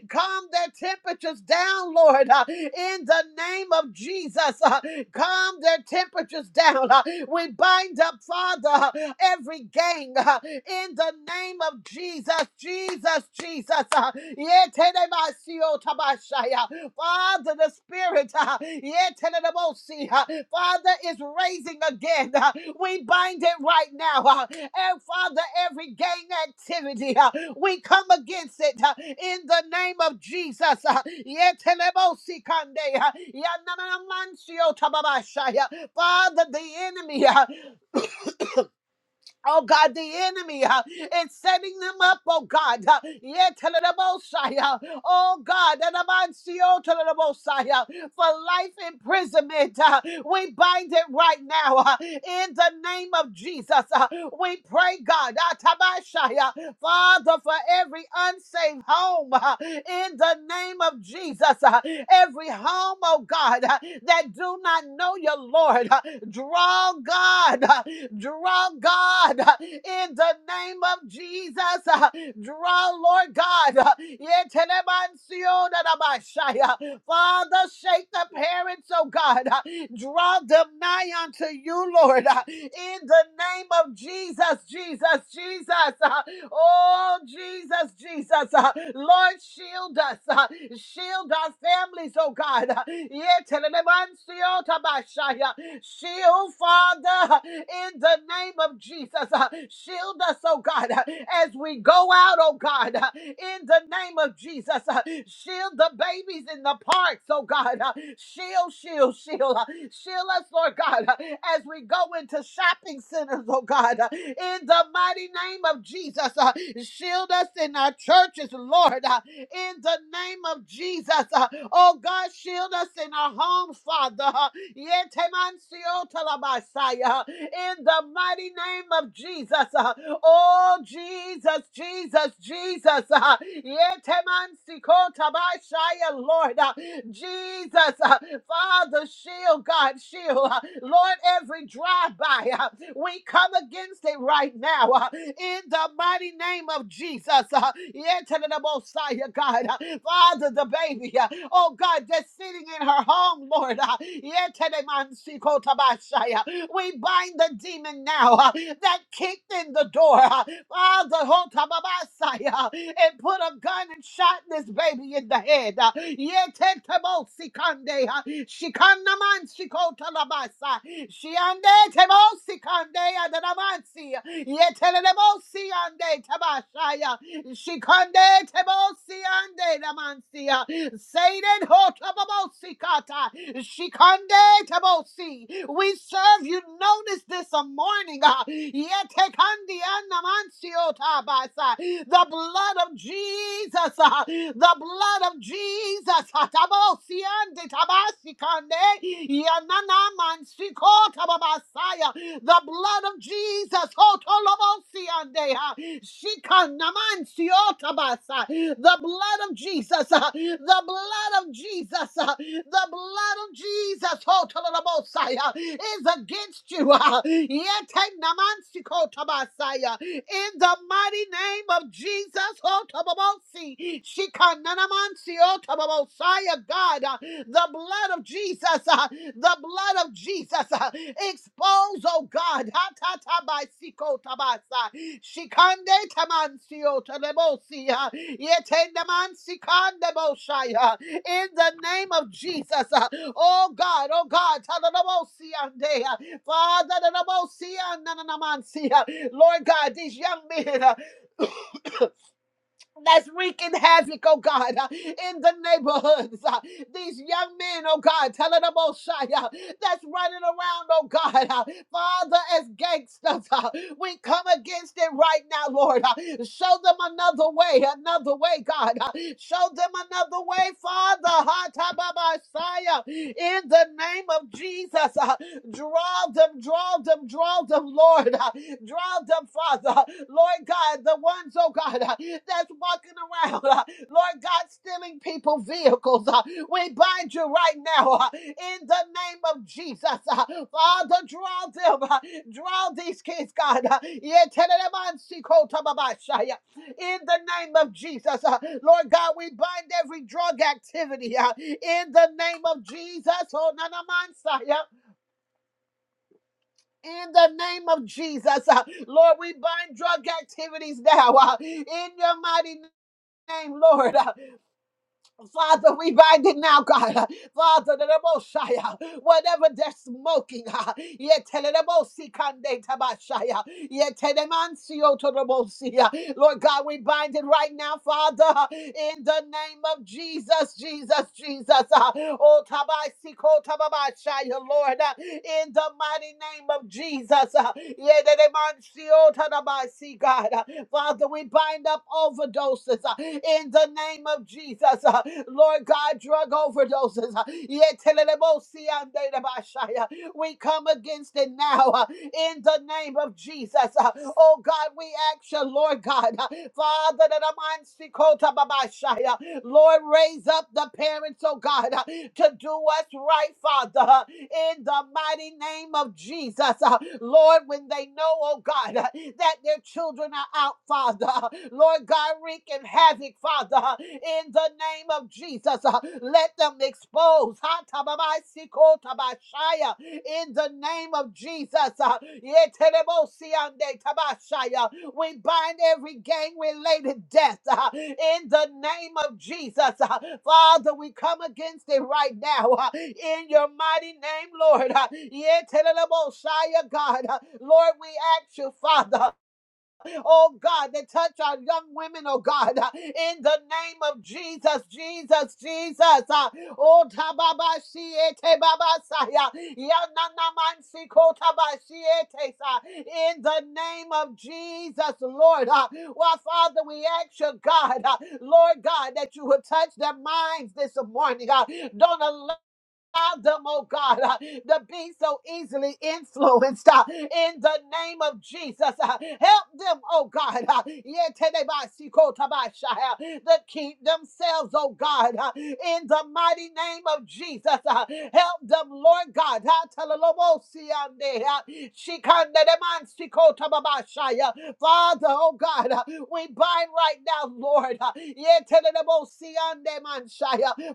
Speaker 5: calm their temperatures down, Lord, in the name of Jesus. Calm their temperatures down. We bind up, Father, every gang in the name of Jesus, Jesus, Jesus. Yeteremasio tabashaya. Father, the Spirit, uh, Yetelebosi, uh, Father, is raising again. uh, we bind it right now. uh, and Father, every gang activity, uh, we come against it uh, in the name of Jesus. Uh, Yetelebosi kande, uh, Yananamansiyo tababashaya. Father, the enemy. uh, Oh God, the enemy uh, is setting them up, oh God. Uh, yeah, teledabosai, uh, oh God, telabansio, teledabosai, uh, for life imprisonment. Uh, we bind it right now uh, in the name of Jesus. Uh, we pray, God, uh, tabashai, uh, Father, for every unsaved home uh, in the name of Jesus. uh, every home, oh God, uh, that do not know your Lord, uh, draw God. Draw, God, in the name of Jesus. Draw, Lord God. Father, shake the parents, oh God. Draw them nigh unto you, Lord. In the name of Jesus, Jesus, Jesus. Oh, Jesus, Jesus. Uh, Lord, shield us. Uh, shield our families, oh God. Uh, yetelelemansiotabashaya. Shield, Father, uh, in the name of Jesus. Uh, shield us, oh God, uh, as we go out, oh God. God, uh, in the name of Jesus. uh, Shield the babies in the parks, oh God. uh, Shield, shield, shield. uh, Shield us, Lord God, uh, as we go into shopping centers, oh God. uh, In the mighty name of Jesus, uh, shield us in our churches, Lord. uh, In the name of Jesus, uh, oh God, shield us in our homes, Father. uh, Yetemansiotalabasaya in the mighty name of Jesus. Uh, Oh, Jesus, Jesus, Jesus. Uh, Yetemantsikotabashaya, Lord, Uh, Jesus, uh, Father, shield, God, shield. Uh, Lord, every drive by, uh, we come against it right now uh, in the mighty name of Jesus. Uh, Yetelemosaya, God, Uh, Father, the baby, uh, oh God, that's sitting in her home, Lord. Uh, Yetelemansikotabashaya, we bind the demon now uh, that kicked in the door. uh, Father, hold up, Abba, Messiah, uh, and put a gun and shot this baby in the head. uh, Yetetebo Sikande, uh, Shikanaman Shikotalabasa, Shiande Tebo Sikande, Adanamansi, Yetelebo Siande Tabashaya, Shikande tebosi ande lamansia. Satan hotababosi kata. Shikande tebosi. We serve you notice this a morning. ah. Yete kandi anamansio tabasa. The blood of Jesus. ah. The blood of Jesus. ah. Tabosi ande tabasi kande. Yanana mansiko tababasaya. The blood of Jesus. Otolobosiandeha. Shikanamansiotabasa. The blood of Jesus. uh, The blood of Jesus. uh, The blood of Jesus. Otolobosai, uh, Is against you. uh, Yetenamansikotabasai, uh, In the mighty name of Jesus. Otobobosi. Shikananamansiotababosai, uh, God. uh, The blood of Jesus. uh, the blood of Jesus. uh, Expose, oh God, ha ta ta by siko tabasa, shikande tamancio telebosi, uh, yete namansikande boshai, uh, in the name of Jesus. uh, Oh God, oh God, talalabosi ande, uh, Father, talalabosi anananamansi, uh, Lord God, these young men. uh, that's wreaking havoc, oh God, uh, in the neighborhoods. uh, These young men, oh God, telling them, oh Shia, that's running around, oh God, uh, Father, as gangsters, uh, we come against it right now, Lord. uh, Show them another way, another way, God. uh, Show them another way, Father, ha, ta, ba, ba, Shia, in the name of Jesus. uh, Draw them, draw them, draw them, Lord. uh, Draw them, Father. Lord God, the ones, oh God, uh, that's walking around, uh, Lord God, stealing people vehicles. uh, we bind you right now uh, in the name of Jesus. uh, Father, draw them, uh, draw these kids, God. uh, yetelelemansikotobabashaya, in the name of Jesus. Uh, Lord God, we bind every drug activity uh, in the name of Jesus. Oh, nanamansaya, in the name of Jesus. Uh, Lord, we bind drug activities now uh, in your mighty name, Lord. uh, Father, we bind it now, God. Father, the Mosiah, whatever they're smoking, yet tell the yetelelemosikande tabashaya, yetelemansiotoremosia. Lord God, we bind it right now, Father, in the name of Jesus, Jesus, Jesus. Oh, tabaisiko tababashaya, Lord, in the mighty name of Jesus. yeah, Yetelemansiotoremasi, God. Father, we bind up overdoses uh, in the name of Jesus. uh, Lord God, drug overdoses. uh, yetelelebosiandelebashaya. We come against it now uh, in the name of Jesus. uh, Oh God, we ask you, Lord God, uh, Father, that I'm Lord, raise up the parents, oh God, uh, to do what's right, Father. uh, in the mighty name of Jesus. Uh, Lord, when they know, oh God, uh, that their children are out, Father, uh, Lord God, wreaking havoc, Father, uh, in the name of Jesus. uh, Let them expose ha, tababaisiko, tabashaya, in the name of Jesus. uh, yetelebosiande, tabashaya, we bind every gang related death uh, in the name of Jesus. uh, Father, we come against it right now uh, in your mighty name, Lord. uh, yeah, tell it about Shia, God. uh, Lord, we ask you, Father oh God, that touch our young women, oh God, uh, in the name of Jesus, Jesus, Jesus. uh, Oh, tababashiete babasaya, yananamansi kotabashiete sa, In the name of Jesus, Lord. uh, Well, Father, we ask you, God, uh, Lord God, that you would touch their minds this morning. uh, Don't allow Allow them, oh God, uh, to be so easily influenced uh, in the name of Jesus. uh, help them, oh God, uh, yetedebasikota-basha, uh, to keep themselves, oh God, uh, in the mighty name of Jesus. uh, help them, Lord God. uh, telelobosiande, uh, shikandedemansikota-babasha, Father, oh God, uh, we bind right now, Lord. uh, yetelelebosiande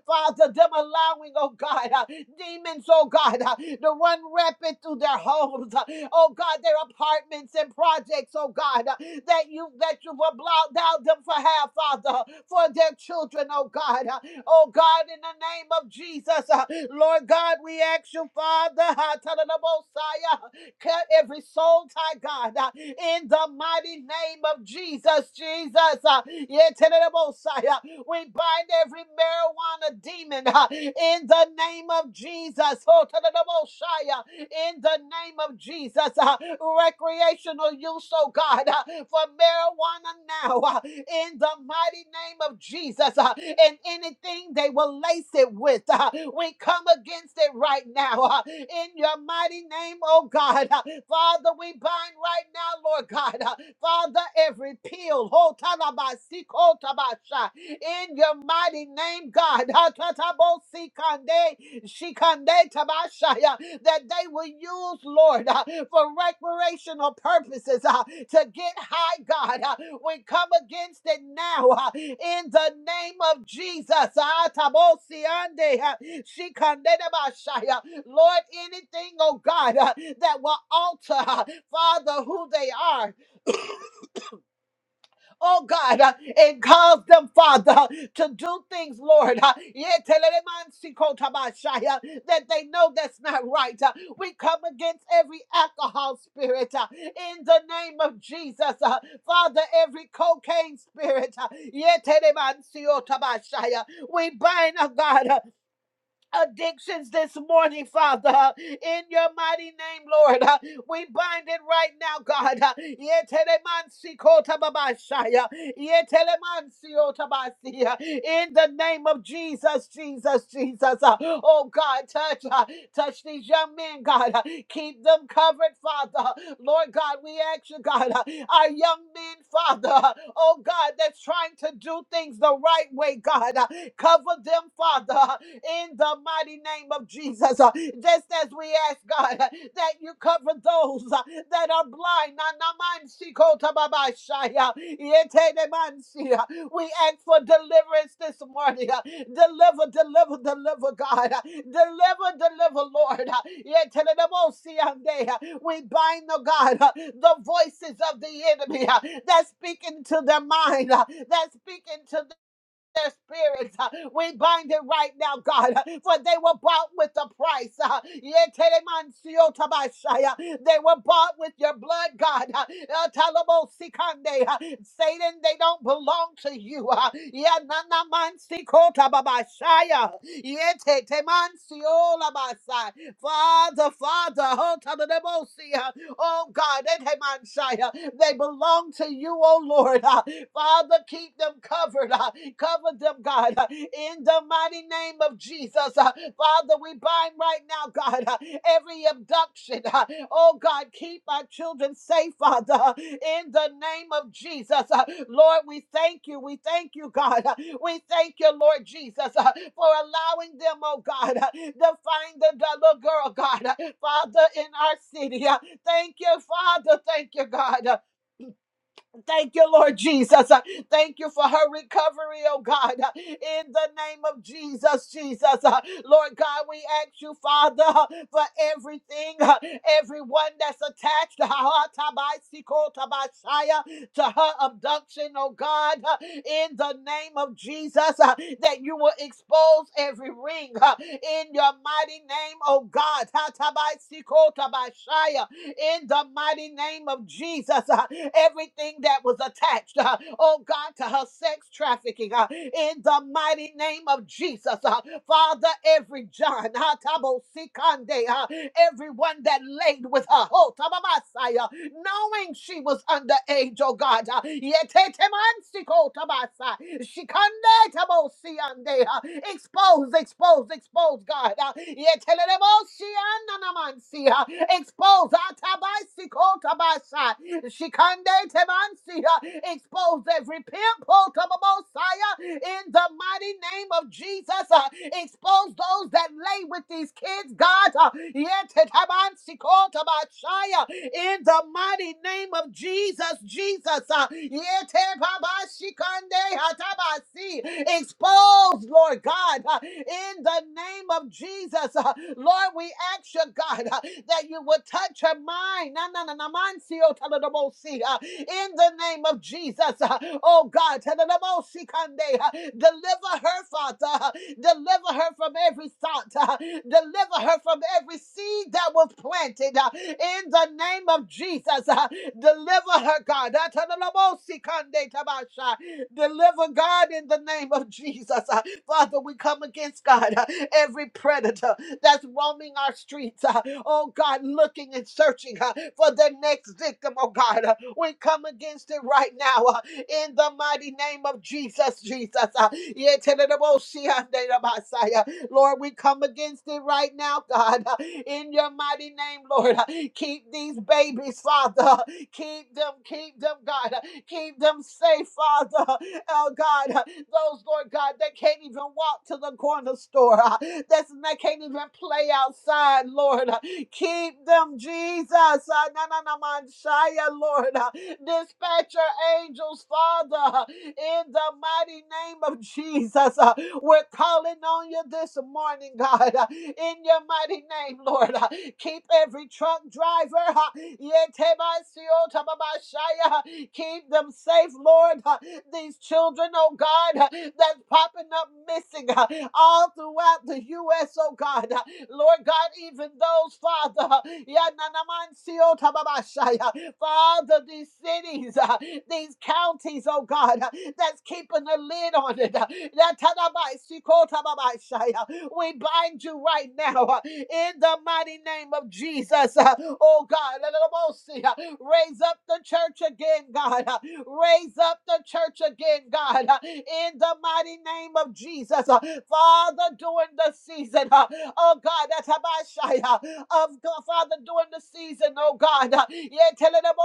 Speaker 5: Father, them allowing, oh God, uh, demons, oh God, uh, to run rapid through their homes, uh, oh God, their apartments and projects, oh God, uh, that you that you will blot out them for half, Father, for their children, oh God, uh, oh God, in the name of Jesus, uh, Lord God, we ask you, Father, uh, tell the Messiah, cut every soul tie, God, uh, in the mighty name of Jesus. Jesus, uh, Yeterebosaya. we bind every marijuana demon uh, in the name of Jesus. Oh, Terebosaya, in the name of Jesus. Uh, recreational use, oh God, uh, for marijuana now uh, in the mighty name of Jesus. uh, and anything they will lace it with, uh, we come against it right now uh, in your mighty name, oh God. uh, Father, we bind right now, Lord God. uh, Father, every pill, ho talabasi, ko tabasha, in your mighty name, God. Hatatabo sikande, shikande tabashaya that they will use, Lord, uh, for recreational purposes uh, to get high, God. Uh, we come against it now uh, in the name of Jesus. Ah, tabosiande, uh, shikandedabashaya. Lord, anything, oh God, uh, that will alter, uh, Father, who they are oh God, uh, and cause them, Father, uh, to do things, Lord, uh, yetelelemansikotaba- uh, that they know that's not right. uh, We come against every alcohol spirit uh, in the name of Jesus. uh, Father, every cocaine spirit, uh, yetelelemansiotaba- uh, we bind, oh God, uh, addictions this morning, Father, in your mighty name, Lord. Uh, We bind it right now, God. Uh, yetelemansikotobabashaya, yetelemansiotabasiya, In the name of Jesus, Jesus, Jesus. Uh, Oh God, touch, uh, touch these young men, God. Uh, Keep them covered, Father. Lord God, we ask you, God, uh, our young men, Father, uh, oh God, that's trying to do things the right way, God. Uh, Cover them, Father in the mighty name of Jesus. Uh, Just as we ask, God, uh, that you cover those uh, that are blind. Na- na- man- si- ko- ta- ba- ba- shai, uh, yete- de- man- si, uh, We ask for deliverance this morning. uh, Deliver, deliver, deliver, God. uh, Deliver, deliver, Lord. uh, yete- de- de- mo- si- an- de, uh, We bind, the God, uh, the voices of the enemy uh, that's speaking to their mind, uh, that's speaking to their spirits. uh, We bind it right now, God, uh, for they were bought with a price. uh, Yetelemansio tabashaya, They were bought with your blood, God. uh, uh, Talabosikande, uh, Satan, they don't belong to you. uh, Yananamansikota-babashaya. Yetetemansiolabasa. Father, Father, Father, Oh God, Edemansaya, they belong to you, oh Lord. Uh, Father, keep them covered. uh, Cover them, God, uh, in the mighty name of Jesus. Uh, Father, we bind right now, God, uh, every abduction. uh, Oh God, keep our children safe, Father, uh, in the name of Jesus. Uh, Lord, we thank you. We thank you, God. Uh, We thank you, Lord Jesus, uh, for allowing them, oh God, uh, to find the little girl, God, uh, Father, in our city. uh, Thank you, Father. Thank you, God. Thank you, Lord Jesus. Uh, Thank you for her recovery, oh God. Uh, In the name of Jesus, Jesus. Uh, Lord God, we ask you, Father, uh, for everything, uh, everyone that's attached uh, ha- tabaisiko, tabashaya, to her abduction, oh God. Uh, In the name of Jesus, uh, that you will expose every ring uh, in your mighty name, oh God. Ha- tabaisiko, tabashaya, in the mighty name of Jesus. uh, everything that was attached, uh, oh God, to her sex trafficking uh, in the mighty name of Jesus. uh, Father, every John, uh, Tabo Sikande, uh, everyone that laid with her, oh, Tababasaya, knowing she was underage, oh God, uh, Yetetemansiko Tabasa, Shikande Tabo Siande, uh, expose, expose, expose, God, uh, Yetelelebo Tabansia. Expose Atabaisiko Tabasha. Shikande Tabansia. Expose every pimple Tababosaya in the mighty name of Jesus. Uh, expose those that lay with these kids, God. Uh, Yetetabansiko Tabashaya. in the mighty name of Jesus, Jesus. Uh, Yetebabashikande Atabasi. expose, Lord God. Uh, in the name of Jesus. Uh, Lord, we ask you, God, uh, that you would touch her mind. Na, na, na, na, mind, see, oh, tell her the most, see, uh, In the name of Jesus, uh, oh God, tell her the most, see, can they, uh, deliver her, Father. uh, Deliver her from every thought. uh, Deliver her from every seed that was planted uh, in the name of Jesus. uh, Deliver her, God. Uh, tell her the most, see, can they, Tabasha. Deliver God in the name of Jesus. uh, Father, we come against God uh, every predator that's roaming our streets. uh, Oh God, looking and searching uh, for the next victim. Oh God, uh, we come against it right now uh, in the mighty name of Jesus. Jesus, uh, Yeterebosianderabasaya. Lord, we come against it right now, God, uh, in your mighty name, Lord. Uh, Keep these babies, Father. Keep them, keep them, God. uh, Kingdom safe, Father, oh God, those, Lord God, that can't even walk to the corner store, uh, that's, that can't even play outside, Lord. Keep them, Jesus. Ah, na, na, na, man, Shia, Lord. Ah, Dispatch your angels, Father, in the mighty name of Jesus. Ah, We're calling on you this morning, God, ah, in your mighty name, Lord. Ah, Keep every truck driver, ah, Yeteba, Sio, Tababa, Shia, Keep them safe, Lord. Uh, These children, oh God, uh, that's popping up missing uh, all throughout the U.S., oh God. Uh, Lord God, even those, Father, uh, yeah, na- na- oh, uh, Father, these cities, uh, these counties, oh God, uh, that's keeping a lid on it. uh, that ta- uh, We bind you right now uh, in the mighty name of Jesus, uh, oh God. Raise up the church again, God. Uh, Raise up the church again, God. Uh, In the mighty name of Jesus. Uh, Father, during the season, uh, oh God, that's Habashai. uh, Of God, Father, during the season, oh God. uh, Yeah, tell it about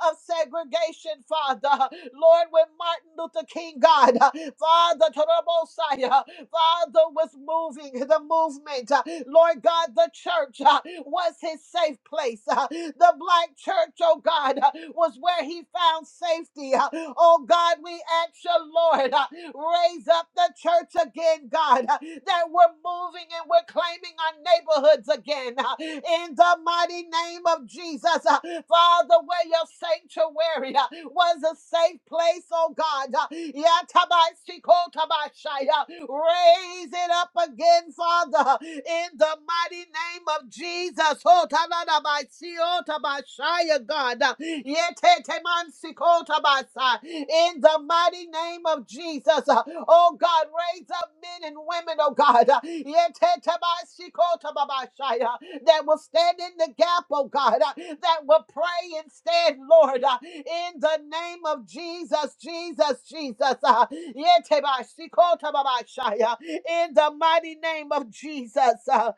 Speaker 5: of segregation, Father. Lord, when Martin Luther King, God, Father, to the Messiah. Father was moving the movement. uh, Lord God, the church uh, was his safe place. uh, The black church, oh God, uh, was where he found safety. uh, Oh God, we ask you, Lord, uh, Raise up the church again, God, uh, that we're moving and we're claiming our neighborhoods again. uh, In the mighty name of Jesus, uh, Father, where your sanctuary uh, was a safe place, oh God. uh, Yatabasikotobashai, uh, Raise it up again, Father, uh, in the mighty name of Jesus. Oh, Shaya, God. Uh, Yetetemansikotaba. In the mighty name of Jesus. uh, Oh God, raise up men and women, oh God. uh, Yetetemansikotaba Shaya, That will stand in the gap, oh God. uh, That will pray and stand, Lord. uh, In the name of Jesus, Jesus, Jesus. uh, Yetetemansikotaba Shaya, In the mighty name of Jesus.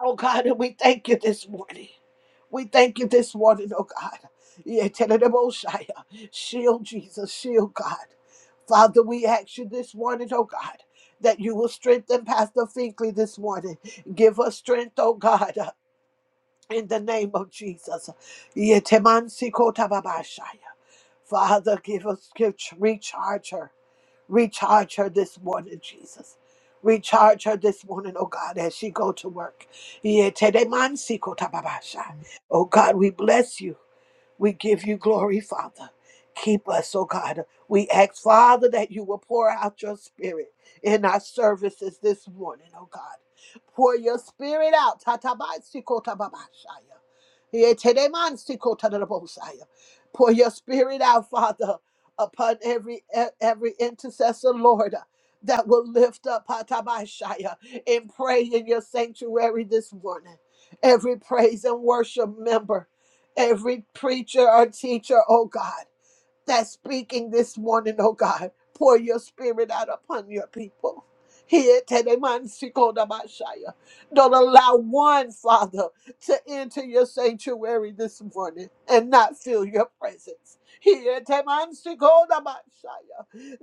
Speaker 5: Oh God, and we thank you this morning. We thank you this morning, oh God. Yeah, Tenedoboshaya. Shield Jesus, shield God. Father, we ask you this morning, oh God, that you will strengthen Pastor Finkley this morning. Give us strength, oh God. uh, in the name of Jesus. Yetemansikotavabashaya. Father, give us, give, recharge her. Recharge her this morning, Jesus. Recharge her this morning, oh God, as she go to work. Yetemansikotavabashaya. Oh God, we bless you. We give you glory, Father. Keep us, oh God. We ask, Father, that you will pour out your spirit in our services this morning, oh God. Pour your spirit out. Tatabaisikotababashaya. Yetedemansikotadabosaya. Pour your spirit out, Father, upon every e, every intercessor, Lord, that will lift up Patabashaya and pray in your sanctuary this morning. Every praise and worship member every preacher or teacher, oh God, that's speaking this morning, oh God, pour your spirit out upon your people. Here, Tedemansikodabashaya. Don't allow one, Father, to enter your sanctuary this morning and not feel your presence. Here, Tedemansikodabashaya.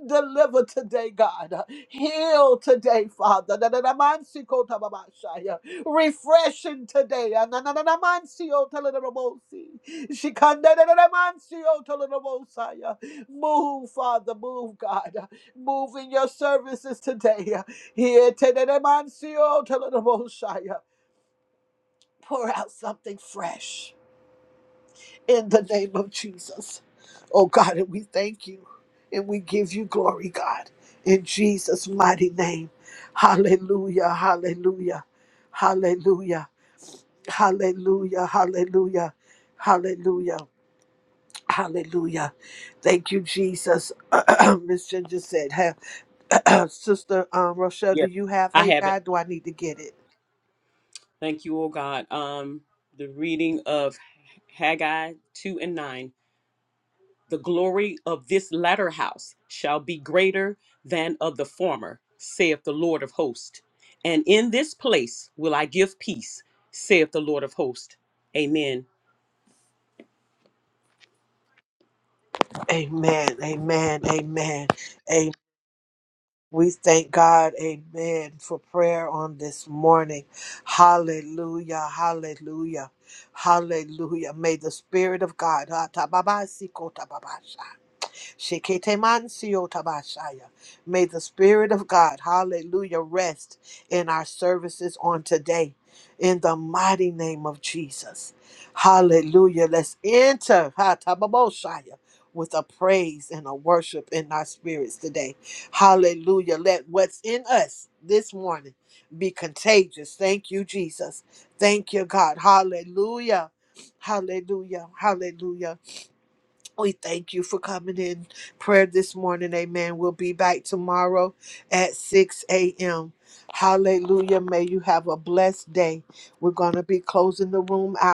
Speaker 5: Deliver today, God. Heal today, Father. Tedemansikodabashaya. Refreshing today. Anananamansiotelerabosi. Shikandaramansiotolorobosaya. Move, Father, move, God. Move in your services today. Ieteneremanciotolorobosaya. Pour out something fresh in the name of Jesus. Oh, God, and we thank you and we give you glory, God, in Jesus' mighty name. Hallelujah, hallelujah, hallelujah, hallelujah, hallelujah, hallelujah. Hallelujah. Thank you, Jesus. Miss Ginger said, have,
Speaker 3: Yes.
Speaker 5: Sister um, Rochelle, do
Speaker 3: yes.
Speaker 5: you have
Speaker 3: I
Speaker 5: Hey
Speaker 3: have it.
Speaker 5: God? Do I need to get it?
Speaker 3: Thank you, oh God. Um, the reading of Haggai 2 and 9. The glory of this latter house shall be greater than of the former, saith the Lord of hosts. And in this place will I give peace, saith the Lord of hosts. Amen.
Speaker 5: Amen. Amen. Amen. We thank God, amen, for prayer on this morning. Hallelujah, hallelujah, hallelujah. May the Spirit of God, Sheketemansiyo tabashaya. May the Spirit of God, hallelujah, rest in our services on today. In the mighty name of Jesus. Hallelujah. Let's enter ha, tababoshaya, with a praise and a worship in our spirits today. Hallelujah. Let what's in us this morning be contagious. Thank you, Jesus. Thank you, God. Hallelujah. Hallelujah. Hallelujah. We thank you for coming in prayer this morning. Amen. We'll be back tomorrow at 6 a.m. Hallelujah. May you have a blessed day. We're going to be closing the room out.